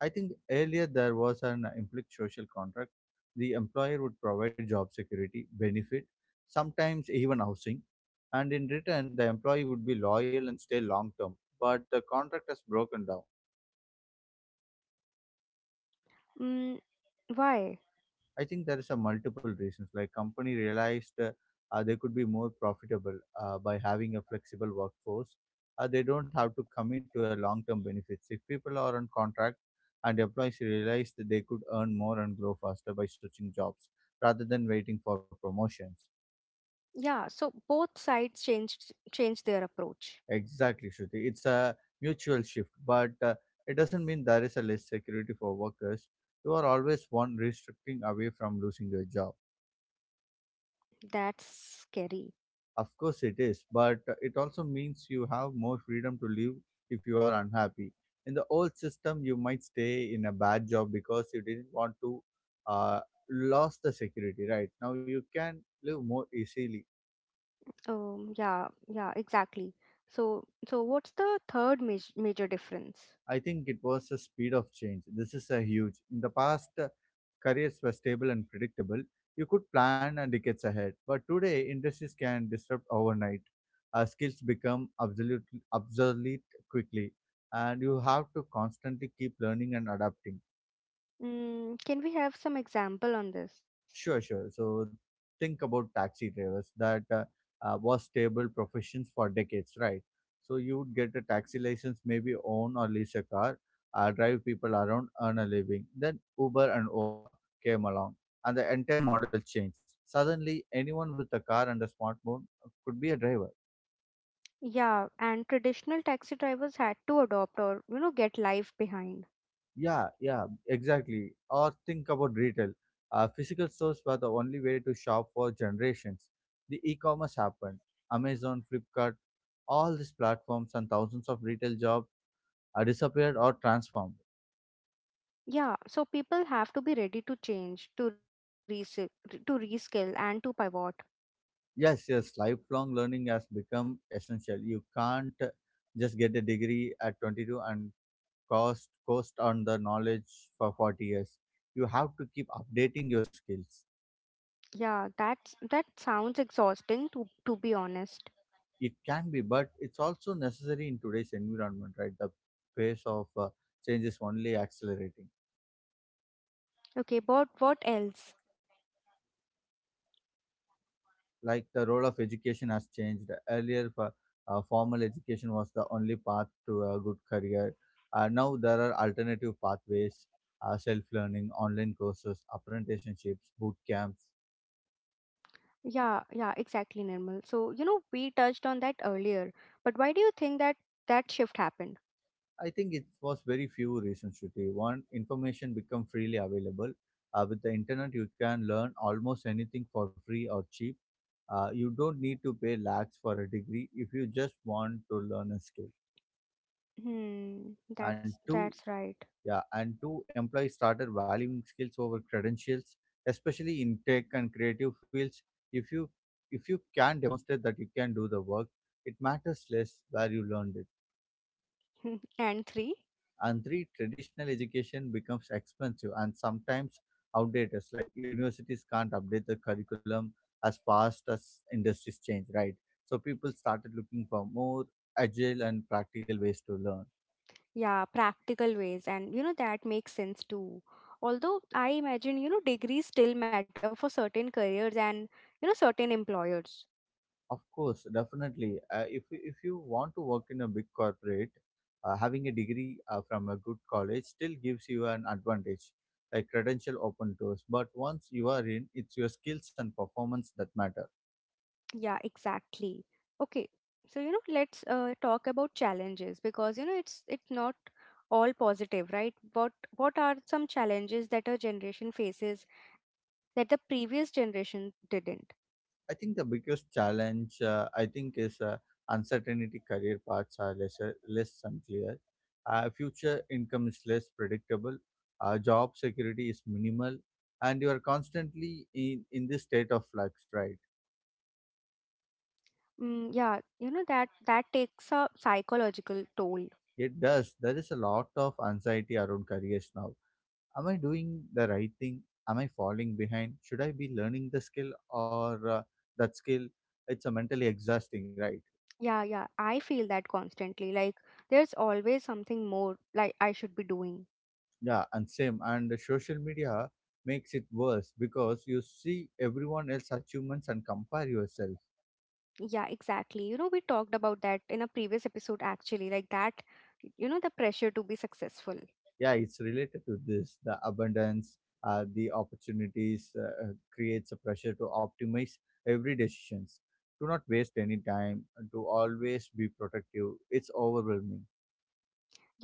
Speaker 2: I think earlier there was an implied social contract. The employer would provide job security, benefit, sometimes even housing, and in return, the employee would be loyal and stay long term. But the contract has broken down.
Speaker 1: Mm, why?
Speaker 2: I think there is a multiple reasons. Like company realized they could be more profitable by having a flexible workforce. They don't have to commit to a long-term benefits. If people are on contract and employees realize that they could earn more and grow faster by switching jobs rather than waiting for promotions.
Speaker 1: Yeah, so both sides changed their approach.
Speaker 2: Exactly, Shruti. It's a mutual shift, but it doesn't mean there is a less security for workers. You are always one restricting away from losing your job.
Speaker 1: That's scary.
Speaker 2: Of course, it is, but it also means you have more freedom to live if you are unhappy. In the old system, you might stay in a bad job because you didn't want to uh, lose the security, right? Now you can live more easily.
Speaker 1: Yeah, yeah, exactly. So, so what's the third major difference?
Speaker 2: I think it was the speed of change. This is a huge. In the past, careers were stable and predictable. You could plan and decades ahead. But today, industries can disrupt overnight. Skills become absolutely obsolete quickly, and you have to constantly keep learning and adapting.
Speaker 1: Mm, can we have some example on this?
Speaker 2: Sure, sure. So think about taxi drivers that was stable professions for decades, right? So you would get a taxi license, maybe own or lease a car, drive people around, earn a living. Then Uber and Ola came along, and the entire model changed. Suddenly, anyone with a car and a smartphone could be a driver.
Speaker 1: Yeah, and traditional taxi drivers had to adopt or, you know, get life behind.
Speaker 2: Yeah, yeah, exactly. Or think about retail. Physical stores were the only way to shop for generations. The e-commerce happened. Amazon, Flipkart, all these platforms and thousands of retail jobs are disappeared or transformed.
Speaker 1: Yeah, so people have to be ready to change, to reskill and to pivot.
Speaker 2: Yes, yes, lifelong learning has become essential. You can't just get a degree at 22 and cost on the knowledge for 40 years. You have to keep updating your skills.
Speaker 1: That sounds exhausting to be honest.
Speaker 2: It can be, but it's also necessary in today's environment, right? The pace of change is only accelerating.
Speaker 1: Okay, but what else?
Speaker 2: Like the role of education has changed. Earlier, formal education was the only path to a good career. Now there are alternative pathways, self-learning, online courses, apprenticeships, boot camps.
Speaker 1: Yeah, yeah, exactly, Nirmal. So, you know, we touched on that earlier, but why do you think that shift happened?
Speaker 2: I think it was very few reasons to take. One, information become freely available. With the internet, you can learn almost anything for free or cheap. You don't need to pay lakhs for a degree if you just want to learn a skill.
Speaker 1: Hmm,
Speaker 2: And
Speaker 1: that's
Speaker 2: two,
Speaker 1: that's right.
Speaker 2: yeah, and two, employees started valuing skills over credentials, especially in tech and creative fields. If you if you can demonstrate that you can do the work, it matters less where you learned it.
Speaker 1: [LAUGHS] And three?
Speaker 2: And three, traditional education becomes expensive and sometimes outdated. Like universities can't update the curriculum as fast as industries change, right? So people started looking for more agile and practical ways to learn.
Speaker 1: Yeah, practical ways, and you know that makes sense too. Although I imagine, you know, degrees still matter for certain careers and you know certain employers.
Speaker 2: Of course, definitely. If you want to work in a big corporate, having a degree from a good college still gives you an advantage. Like credential open doors, but once you are in, it's your skills and performance that matter.
Speaker 1: Yeah, exactly. Okay, so you know, let's talk about challenges because you know it's not all positive, right? What are some challenges that our generation faces that the previous generation didn't?
Speaker 2: I think the biggest challenge, I think, is uncertainty. Career paths are less, less unclear. Future income is less predictable. Job security is minimal, and you are constantly in this state of flux, right?
Speaker 1: Mm, yeah, you know that takes a psychological toll.
Speaker 2: It does. There is a lot of anxiety around careers now. Am I doing the right thing? Am I falling behind? Should I be learning the skill or that skill? It's a mentally exhausting, right?
Speaker 1: Yeah, yeah, I feel that constantly. Like, there's always something more like I should be doing.
Speaker 2: Yeah, and same. And the social media makes it worse because you see everyone else achievements and compare yourself.
Speaker 1: Yeah, exactly. You know, we talked about that in a previous episode actually, like that, you know, the pressure to be successful.
Speaker 2: Yeah, it's related to this. The opportunities creates a pressure to optimize every decisions. Do not waste any time. To always be productive. It's overwhelming.
Speaker 1: Yeah,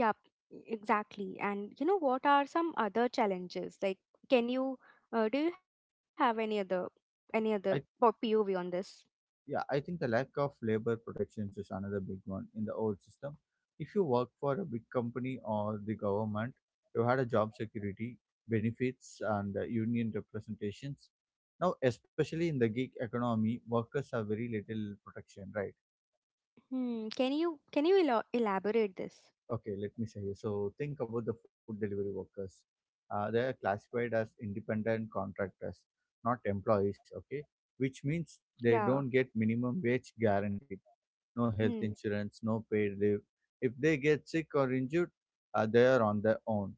Speaker 1: exactly. And you know, what are some other challenges? Like, can you, do you have any other,
Speaker 2: I
Speaker 1: POV on this?
Speaker 2: Yeah, I think the lack of labor protections is another big one in the old system. If you work for a big company or the government, you had a job security, benefits, and union representations. Now, especially in the gig economy, workers have very little protection, right?
Speaker 1: Hmm, can you elo elaborate this?
Speaker 2: Okay, let me say you. So, think about the food delivery workers. They are classified as independent contractors, not employees, okay? Which means
Speaker 1: Yeah.
Speaker 2: they don't get minimum wage guaranteed, no health
Speaker 1: Mm,
Speaker 2: insurance, no paid leave. If they get sick or injured, they are on their own.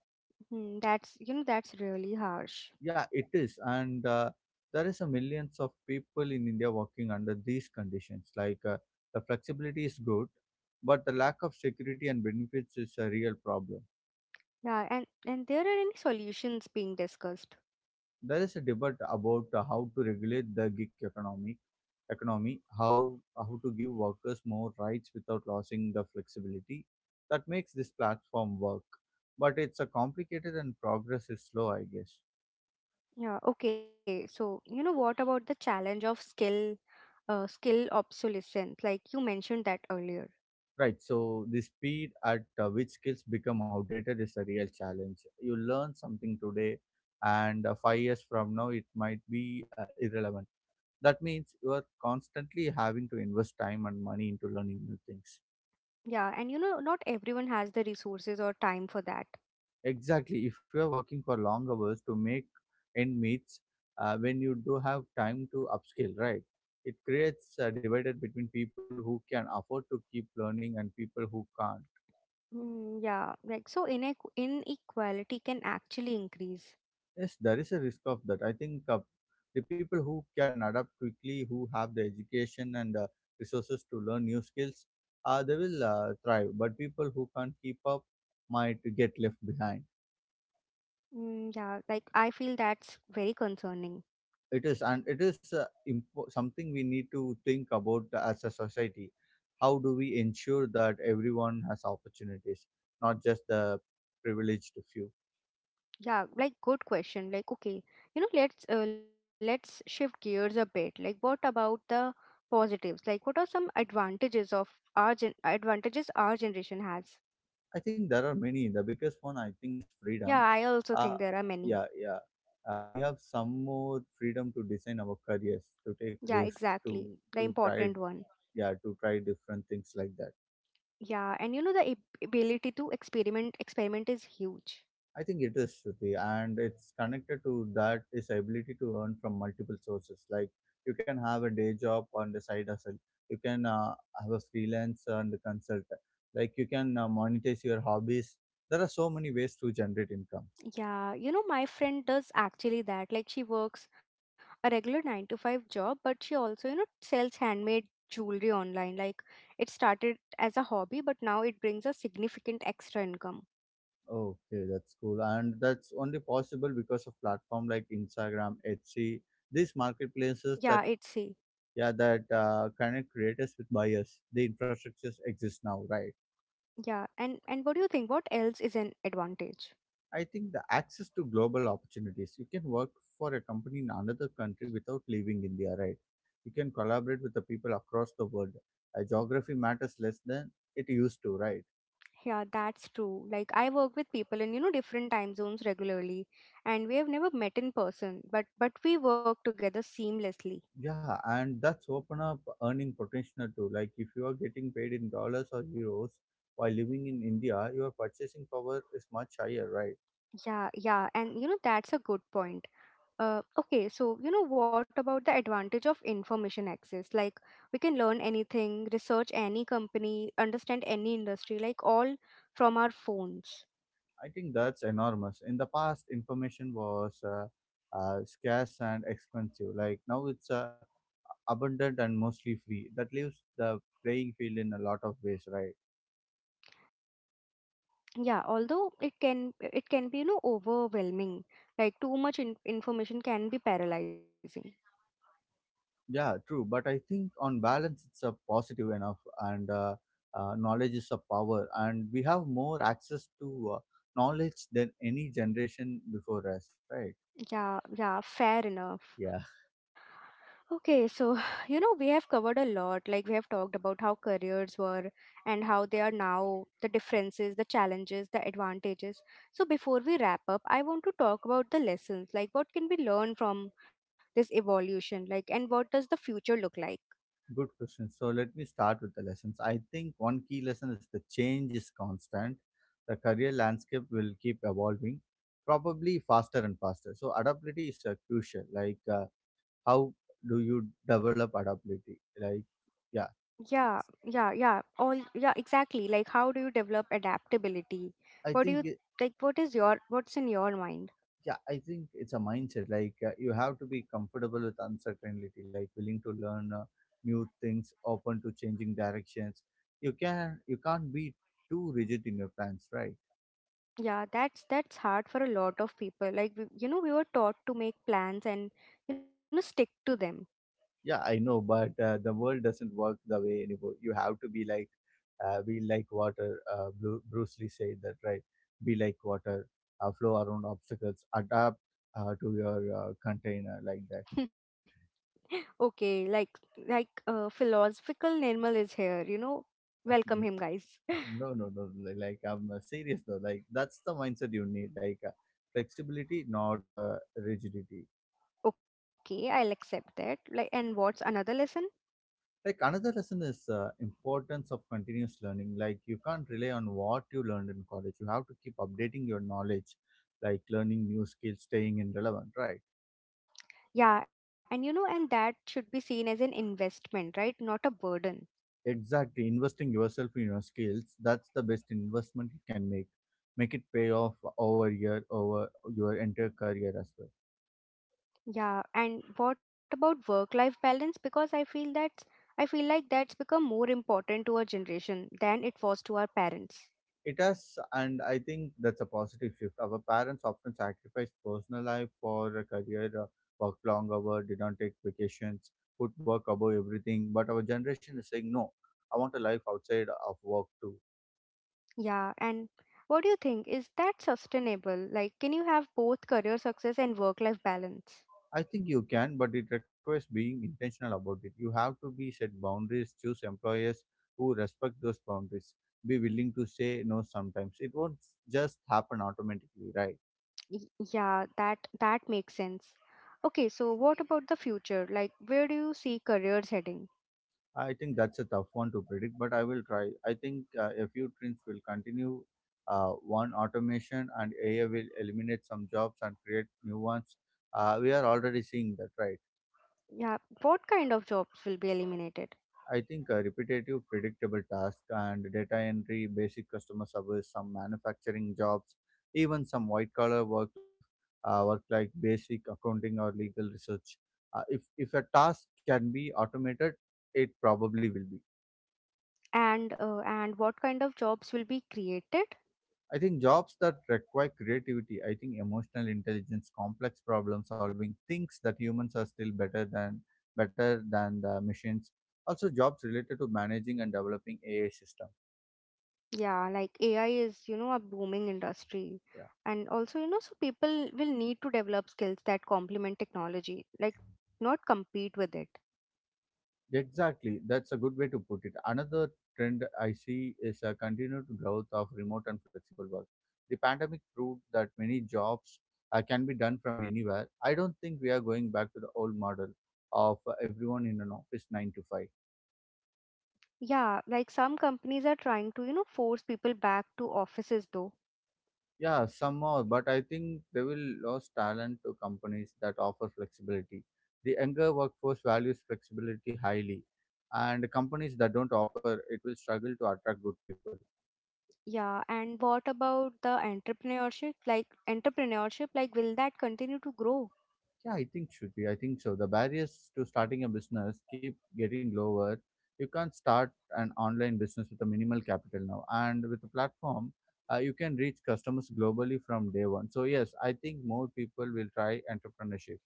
Speaker 1: mm, that's, you know, that's really harsh.
Speaker 2: Yeah, it is, and there is a millions of people in India working under these conditions. The flexibility is good, but the lack of security and benefits is a real problem.
Speaker 1: Yeah, and there are any solutions being discussed?
Speaker 2: There is a debate about how to regulate the gig economy, how to give workers more rights without losing the flexibility that makes this platform work. But it's a complicated and progress is slow, I guess.
Speaker 1: Yeah, okay. So, you know, what about the challenge of skill, skill obsolescence? Like you mentioned that earlier.
Speaker 2: Right. So the speed at which skills become outdated is a real challenge. You learn something today, and 5 years from now it might be irrelevant. That means you are constantly having to invest time and money into learning new things.
Speaker 1: Yeah, and you know, not everyone has the resources or time for that.
Speaker 2: Exactly. If you are working for long hours to make end meets, when you do have time to upskill, right? It creates a divided between people who can afford to keep learning and people who can't.
Speaker 1: Mm, yeah, like so inequality can actually increase.
Speaker 2: Yes, there is a risk of that. I think the people who can adapt quickly, who have the education and resources to learn new skills, they will thrive. But people who can't keep up might get left behind.
Speaker 1: Mm, yeah, like I feel that's very concerning.
Speaker 2: It is, and it is something we need to think about as a society. How do we ensure that everyone has opportunities, not just the privileged few?
Speaker 1: Yeah, like good question. Like okay, you know, let's shift gears a bit. Like what about the positives? Like what are some advantages of advantages our generation has?
Speaker 2: I think there are many. The biggest one I think is
Speaker 1: Yeah,
Speaker 2: freedom.
Speaker 1: I also
Speaker 2: Uh,
Speaker 1: think there are many.
Speaker 2: yeah, yeah. We have some more freedom to design our careers, to take
Speaker 1: Yeah,
Speaker 2: risks,
Speaker 1: exactly.
Speaker 2: to
Speaker 1: The
Speaker 2: to
Speaker 1: important
Speaker 2: try,
Speaker 1: one.
Speaker 2: yeah, to try different things like that.
Speaker 1: Yeah, and you know the ability to experiment is huge.
Speaker 2: I think it is Shruti, and it's connected to that is ability to earn from multiple sources. Like you can have a day job on the side hustle, you can have a freelance and a consultant, like you can monetize your hobbies. There are so many ways to generate income.
Speaker 1: Yeah, you know, my friend does actually that. Like, she works a regular 9 to 5 job, but she also, you know, sells handmade jewelry online. Like, it started as a hobby, but now it brings a significant extra income.
Speaker 2: Okay, that's cool, and that's only possible because of platform like Instagram, Etsy, these
Speaker 1: Yeah, it's
Speaker 2: marketplaces
Speaker 1: see.
Speaker 2: that yeah that connect creators with buyers. The infrastructures exist now, right?
Speaker 1: Yeah, and what do you think? What else is an advantage?
Speaker 2: I think the access to global opportunities. You can work for a company in another country without leaving India, right? You can collaborate with the people across the world. Geography matters less than it used to, right?
Speaker 1: Yeah, that's true. Like, I work with people in, you know, different time zones regularly, and we have never met in person, but we work together seamlessly.
Speaker 2: Yeah, and that's open up earning potential too. Like if you are getting paid in dollars or euros while living in India, your purchasing power is much higher, right?
Speaker 1: Yeah, yeah, and you know, that's a good point. Okay, so you know what about the advantage of information access? Like we can learn anything, research any company, understand any industry, like all from our phones.
Speaker 2: I think that's enormous. In the past, information was scarce and expensive. Like now, it's abundant and mostly free. That leaves the playing field in a lot of ways, right?
Speaker 1: Yeah, although it can be you know overwhelming. Like too much information can be paralyzing.
Speaker 2: Yeah, true. But I think on balance, it's a positive enough, and knowledge is a power, and we have more access to knowledge than any generation before us, right?
Speaker 1: Yeah, yeah, fair enough.
Speaker 2: Yeah.
Speaker 1: Okay, so [SIGHS] you know, we have covered a lot. Like, we have talked about how careers were and how they are now, the differences, the challenges, the advantages. So, before we wrap up, I want to talk about the lessons. Like, what can we learn from this evolution? Like, and what does the future look like?
Speaker 2: Good question. So let me start with the lessons. I think one key lesson is the change is constant. The career landscape will keep evolving, probably faster and faster. So adaptability is crucial. How do you develop adaptability? Yeah,
Speaker 1: Yeah, yeah, yeah. All, yeah, exactly. Like, how do you develop adaptability?
Speaker 2: I
Speaker 1: What do
Speaker 2: think
Speaker 1: you,
Speaker 2: it,
Speaker 1: like, what is your, what's in your mind?
Speaker 2: yeah, I think it's a mindset. Like, you have to be comfortable with uncertainty. Like willing to learn new things, open to changing directions. You can't be too rigid in your plans, right?
Speaker 1: That's hard for a lot of people. Like you know, we were taught to make plans and you know stick to them.
Speaker 2: Yeah, I know, but the world doesn't work the way anymore. You have to be like water. Bruce Lee said that, right? Be like water, flow around obstacles, adapt to your container like that.
Speaker 1: [LAUGHS] Okay, like philosophical Nirmal is here. You know,
Speaker 2: [LAUGHS]
Speaker 1: welcome him, guys.
Speaker 2: no, no,
Speaker 1: [LAUGHS]
Speaker 2: no. li- Like I'm serious though. Like that's the mindset you need. Like, flexibility, not rigidity.
Speaker 1: Okay, I'll accept that. Like, and what's another lesson?
Speaker 2: Like another lesson is importance of continuous learning. Like you can't rely on what you learned in college. You have to keep updating your knowledge, like learning new skills, staying in relevant, right?
Speaker 1: Yeah, and you know, and that should be seen as an investment, right? Not a burden.
Speaker 2: Exactly. Investing yourself in your skills, that's the best investment you can make. Make it pay off over year, over your entire career as well.
Speaker 1: Yeah, and what about work-life balance? Because I feel like that's become more important to our generation than it was to our parents.
Speaker 2: It has, and I think that's a positive shift. Our parents often sacrificed personal life for a career, work long hours, didn't take vacations, put work above everything. But our generation is saying, no, I want a life outside of work too.
Speaker 1: Yeah, and what do you think? Is that sustainable? Like, can you have both career success and work-life balance?
Speaker 2: I think you can, but it requires being intentional about it. You have to be set boundaries, choose employers who respect those boundaries, be willing to say no sometimes. It won't just happen automatically, right?
Speaker 1: Y- Yeah, that makes sense. Okay, so what about the future? Like, where do you see careers heading?
Speaker 2: I think that's a tough one to predict, but I will try. I think a few trends will continue. One, automation and AI will eliminate some jobs and create new ones. We are already seeing that, right?
Speaker 1: Yeah, what kind of jobs will be eliminated?
Speaker 2: I think repetitive, predictable tasks and data entry, basic customer service, some manufacturing jobs, even some white collar work life, work like basic accounting or legal research. If a task can be automated, it probably will be.
Speaker 1: And what kind of jobs will be created?
Speaker 2: I think jobs that require creativity, I think emotional intelligence, complex problem solving, things that humans are still better than the machines. Also jobs related to managing and developing AI system.
Speaker 1: Yeah, like AI is, you know, a booming industry.
Speaker 2: Yeah.
Speaker 1: And also, you know, so people will need to develop skills that complement technology, like not compete with it.
Speaker 2: Exactly. That's a good way to put it. Another trend I see is a continued growth of remote and flexible work. The pandemic proved that many jobs can be done from anywhere. I don't think we are going back to the old model of everyone in an office 9 to 5.
Speaker 1: Yeah, like some companies are trying to, you know, force people back to offices though.
Speaker 2: Yeah, some more, but I think they will lose talent to companies that offer flexibility. The younger workforce values flexibility highly, and companies that don't offer it will struggle to attract good people.
Speaker 1: Yeah, and what about the entrepreneurship? Like will that continue to grow?
Speaker 2: Yeah, I think so. The barriers to starting a business keep getting lower. You can't start an online business with a minimal capital now, and with a platform, you can reach customers globally from day one. So yes, I think more people will try entrepreneurship.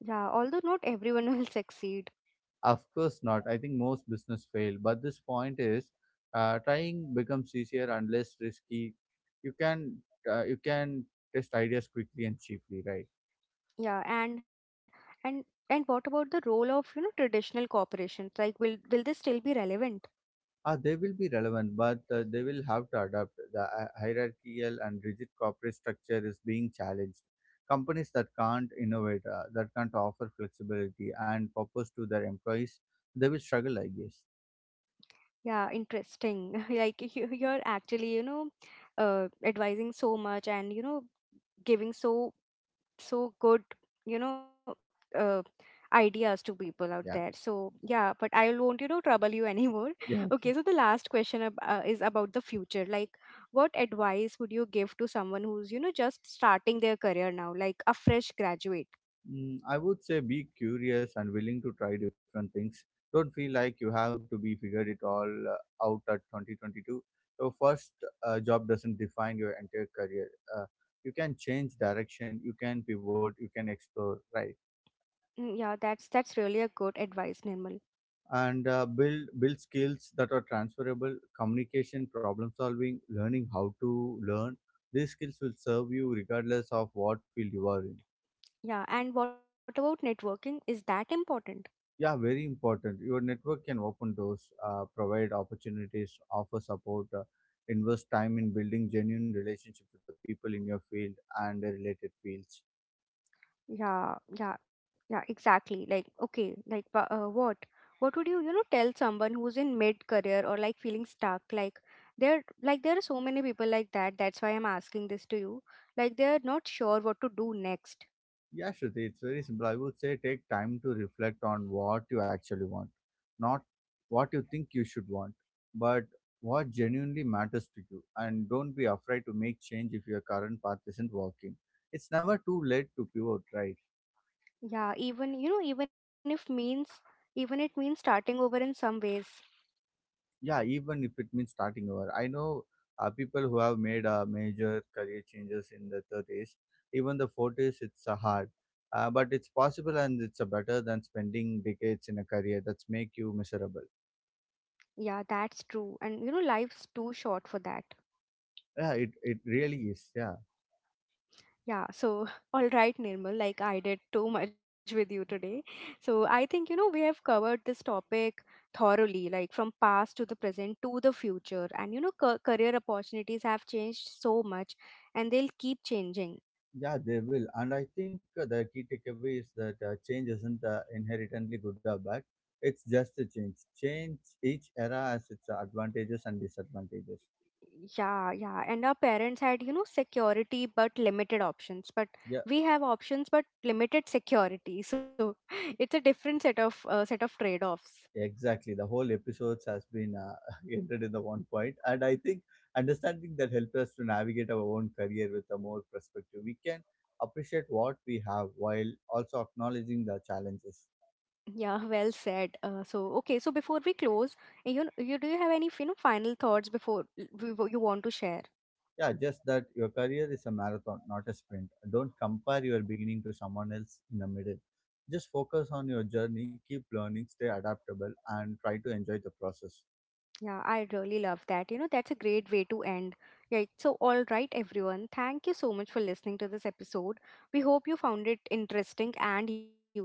Speaker 1: Yeah, although not everyone [LAUGHS] will succeed.
Speaker 2: Of course not. I think most business fail. But this point is, trying becomes easier and less risky. You can you can test ideas quickly and cheaply, right?
Speaker 1: Yeah, and what about the role of, you know, traditional corporations? Like will this still be relevant?
Speaker 2: Ah, they will be relevant, but they will have to adapt. The hierarchical and rigid corporate structure is being challenged. Companies that can't innovate, that can't offer flexibility and purpose to their employees, they will struggle, I guess.
Speaker 1: Yeah, interesting. [LAUGHS] Like you, you're actually, you know, advising so much and, you know, giving so good, you know, uh, ideas to people out there.
Speaker 2: Yeah.
Speaker 1: So yeah, but I won't, you know, trouble you anymore. [LAUGHS]
Speaker 2: Yeah.
Speaker 1: Okay, so the last question is about the future. Like, what advice would you give to someone who's, you know, just starting their career now, like a fresh graduate?
Speaker 2: Mm, I would say be curious and willing to try different things. Don't feel like you have to be figured it all out at 2022. Your first job doesn't define your entire career. Uh, you can change direction, you can pivot, you can explore, right?
Speaker 1: Mm, yeah, that's really a good advice, Nirmal.
Speaker 2: And build skills that are transferable, communication, problem solving, learning how to learn. These skills will serve you regardless of what field you are in.
Speaker 1: Yeah, and what about networking? Is that important?
Speaker 2: Yeah, very important. Your network can open doors, provide opportunities, offer support, invest time in building genuine relationship with the people in your field and the related fields.
Speaker 1: Yeah, yeah, yeah, exactly. Like, okay, like, but what would you, you know, tell someone who's in mid-career or like feeling stuck? Like, like, there are so many people like that. That's why I'm asking this to you. Like, they're not sure what to do next.
Speaker 2: Yeah, Shruti, it's very simple. I would say take time to reflect on what you actually want, not what you think you should want, but what genuinely matters to you. And don't be afraid to make change if your current path isn't working. It's never too late to pivot, right?
Speaker 1: Yeah, even, you know, even if means, even it means starting over in some ways.
Speaker 2: Yeah, even if it means starting over. I know people who have made major career changes in the 30s, even the 40s, it's hard. But it's possible and it's better than spending decades in a career that's make you miserable.
Speaker 1: Yeah, that's true. And, you know, life's too short for that.
Speaker 2: Yeah, it really is. Yeah.
Speaker 1: Yeah, so [LAUGHS] all right, Nirmal, like I did too much with you today. So I think, you know, we have covered this topic thoroughly, like from past to the present to the future. And, you know, career opportunities have changed so much and they'll keep changing.
Speaker 2: Yeah, they will. And I think the key takeaway is that change isn't inherently good or bad. It's just a change. Each era has its advantages and disadvantages.
Speaker 1: Yeah, yeah. And our parents had, you know, security but limited options. But
Speaker 2: Yeah,
Speaker 1: we have options but limited security. So [LAUGHS] it's a different set of trade-offs.
Speaker 2: Exactly. The whole episodes has been [LAUGHS] ended in the one point, and I think understanding that helps us to navigate our own career with a more perspective. We can appreciate what we have while also acknowledging the challenges.
Speaker 1: Yeah, well said. So, okay, so before we close, you know, you do you have any you know final thoughts before you want to share?
Speaker 2: Yeah, just that your career is a marathon, not a sprint. Don't compare your beginning to someone else in the middle. Just focus on your journey, keep learning, stay adaptable, and try to enjoy the process.
Speaker 1: Yeah, I really love that. You know, that's a great way to end. Yeah, so all right, everyone. Thank you so much for listening to this episode. We hope you found it interesting and useful.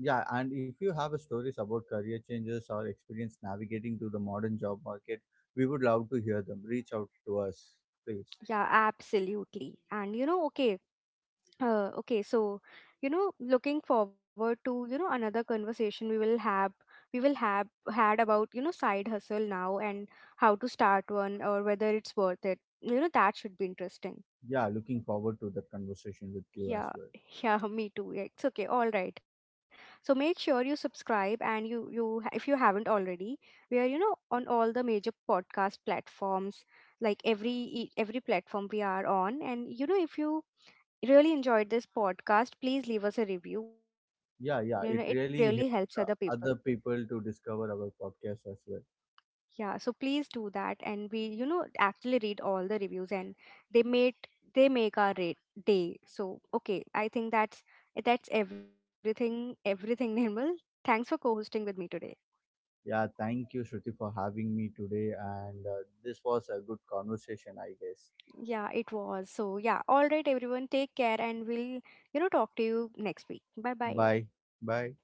Speaker 2: Yeah, and if you have a stories about career changes or experience navigating to the modern job market, we would love to hear them. Reach out to us, please.
Speaker 1: Yeah, absolutely. And you know, okay, okay, so you know, looking forward to you know another conversation we will have had about you know side hustle now and how to start one or whether it's worth it. You know that should be interesting.
Speaker 2: Yeah, looking forward to that conversation with you as
Speaker 1: Yeah,
Speaker 2: well.
Speaker 1: [LAUGHS] yeah, me too. Yeah, it's okay. All right. So make sure you subscribe and if you haven't already, we are you know on all the major podcast platforms like every platform we are on, and you know if you really enjoyed this podcast, please leave us a review. You know, it
Speaker 2: Yeah,
Speaker 1: really
Speaker 2: yeah,
Speaker 1: helps
Speaker 2: it
Speaker 1: other
Speaker 2: really
Speaker 1: people.
Speaker 2: helps other people to discover our podcast as well.
Speaker 1: Yeah, so please do that, and we, you know, actually read all the reviews, and they made they make our day. So okay, I think that's everything. Everything, [LAUGHS] Nirmal. Thanks for co-hosting with me today.
Speaker 2: Yeah, thank you, Shruti, for having me today. And this was a good conversation, I guess.
Speaker 1: Yeah, it was. So yeah, all right, everyone, take care, and we'll you know talk to you next week. Bye bye.
Speaker 2: Bye. Bye.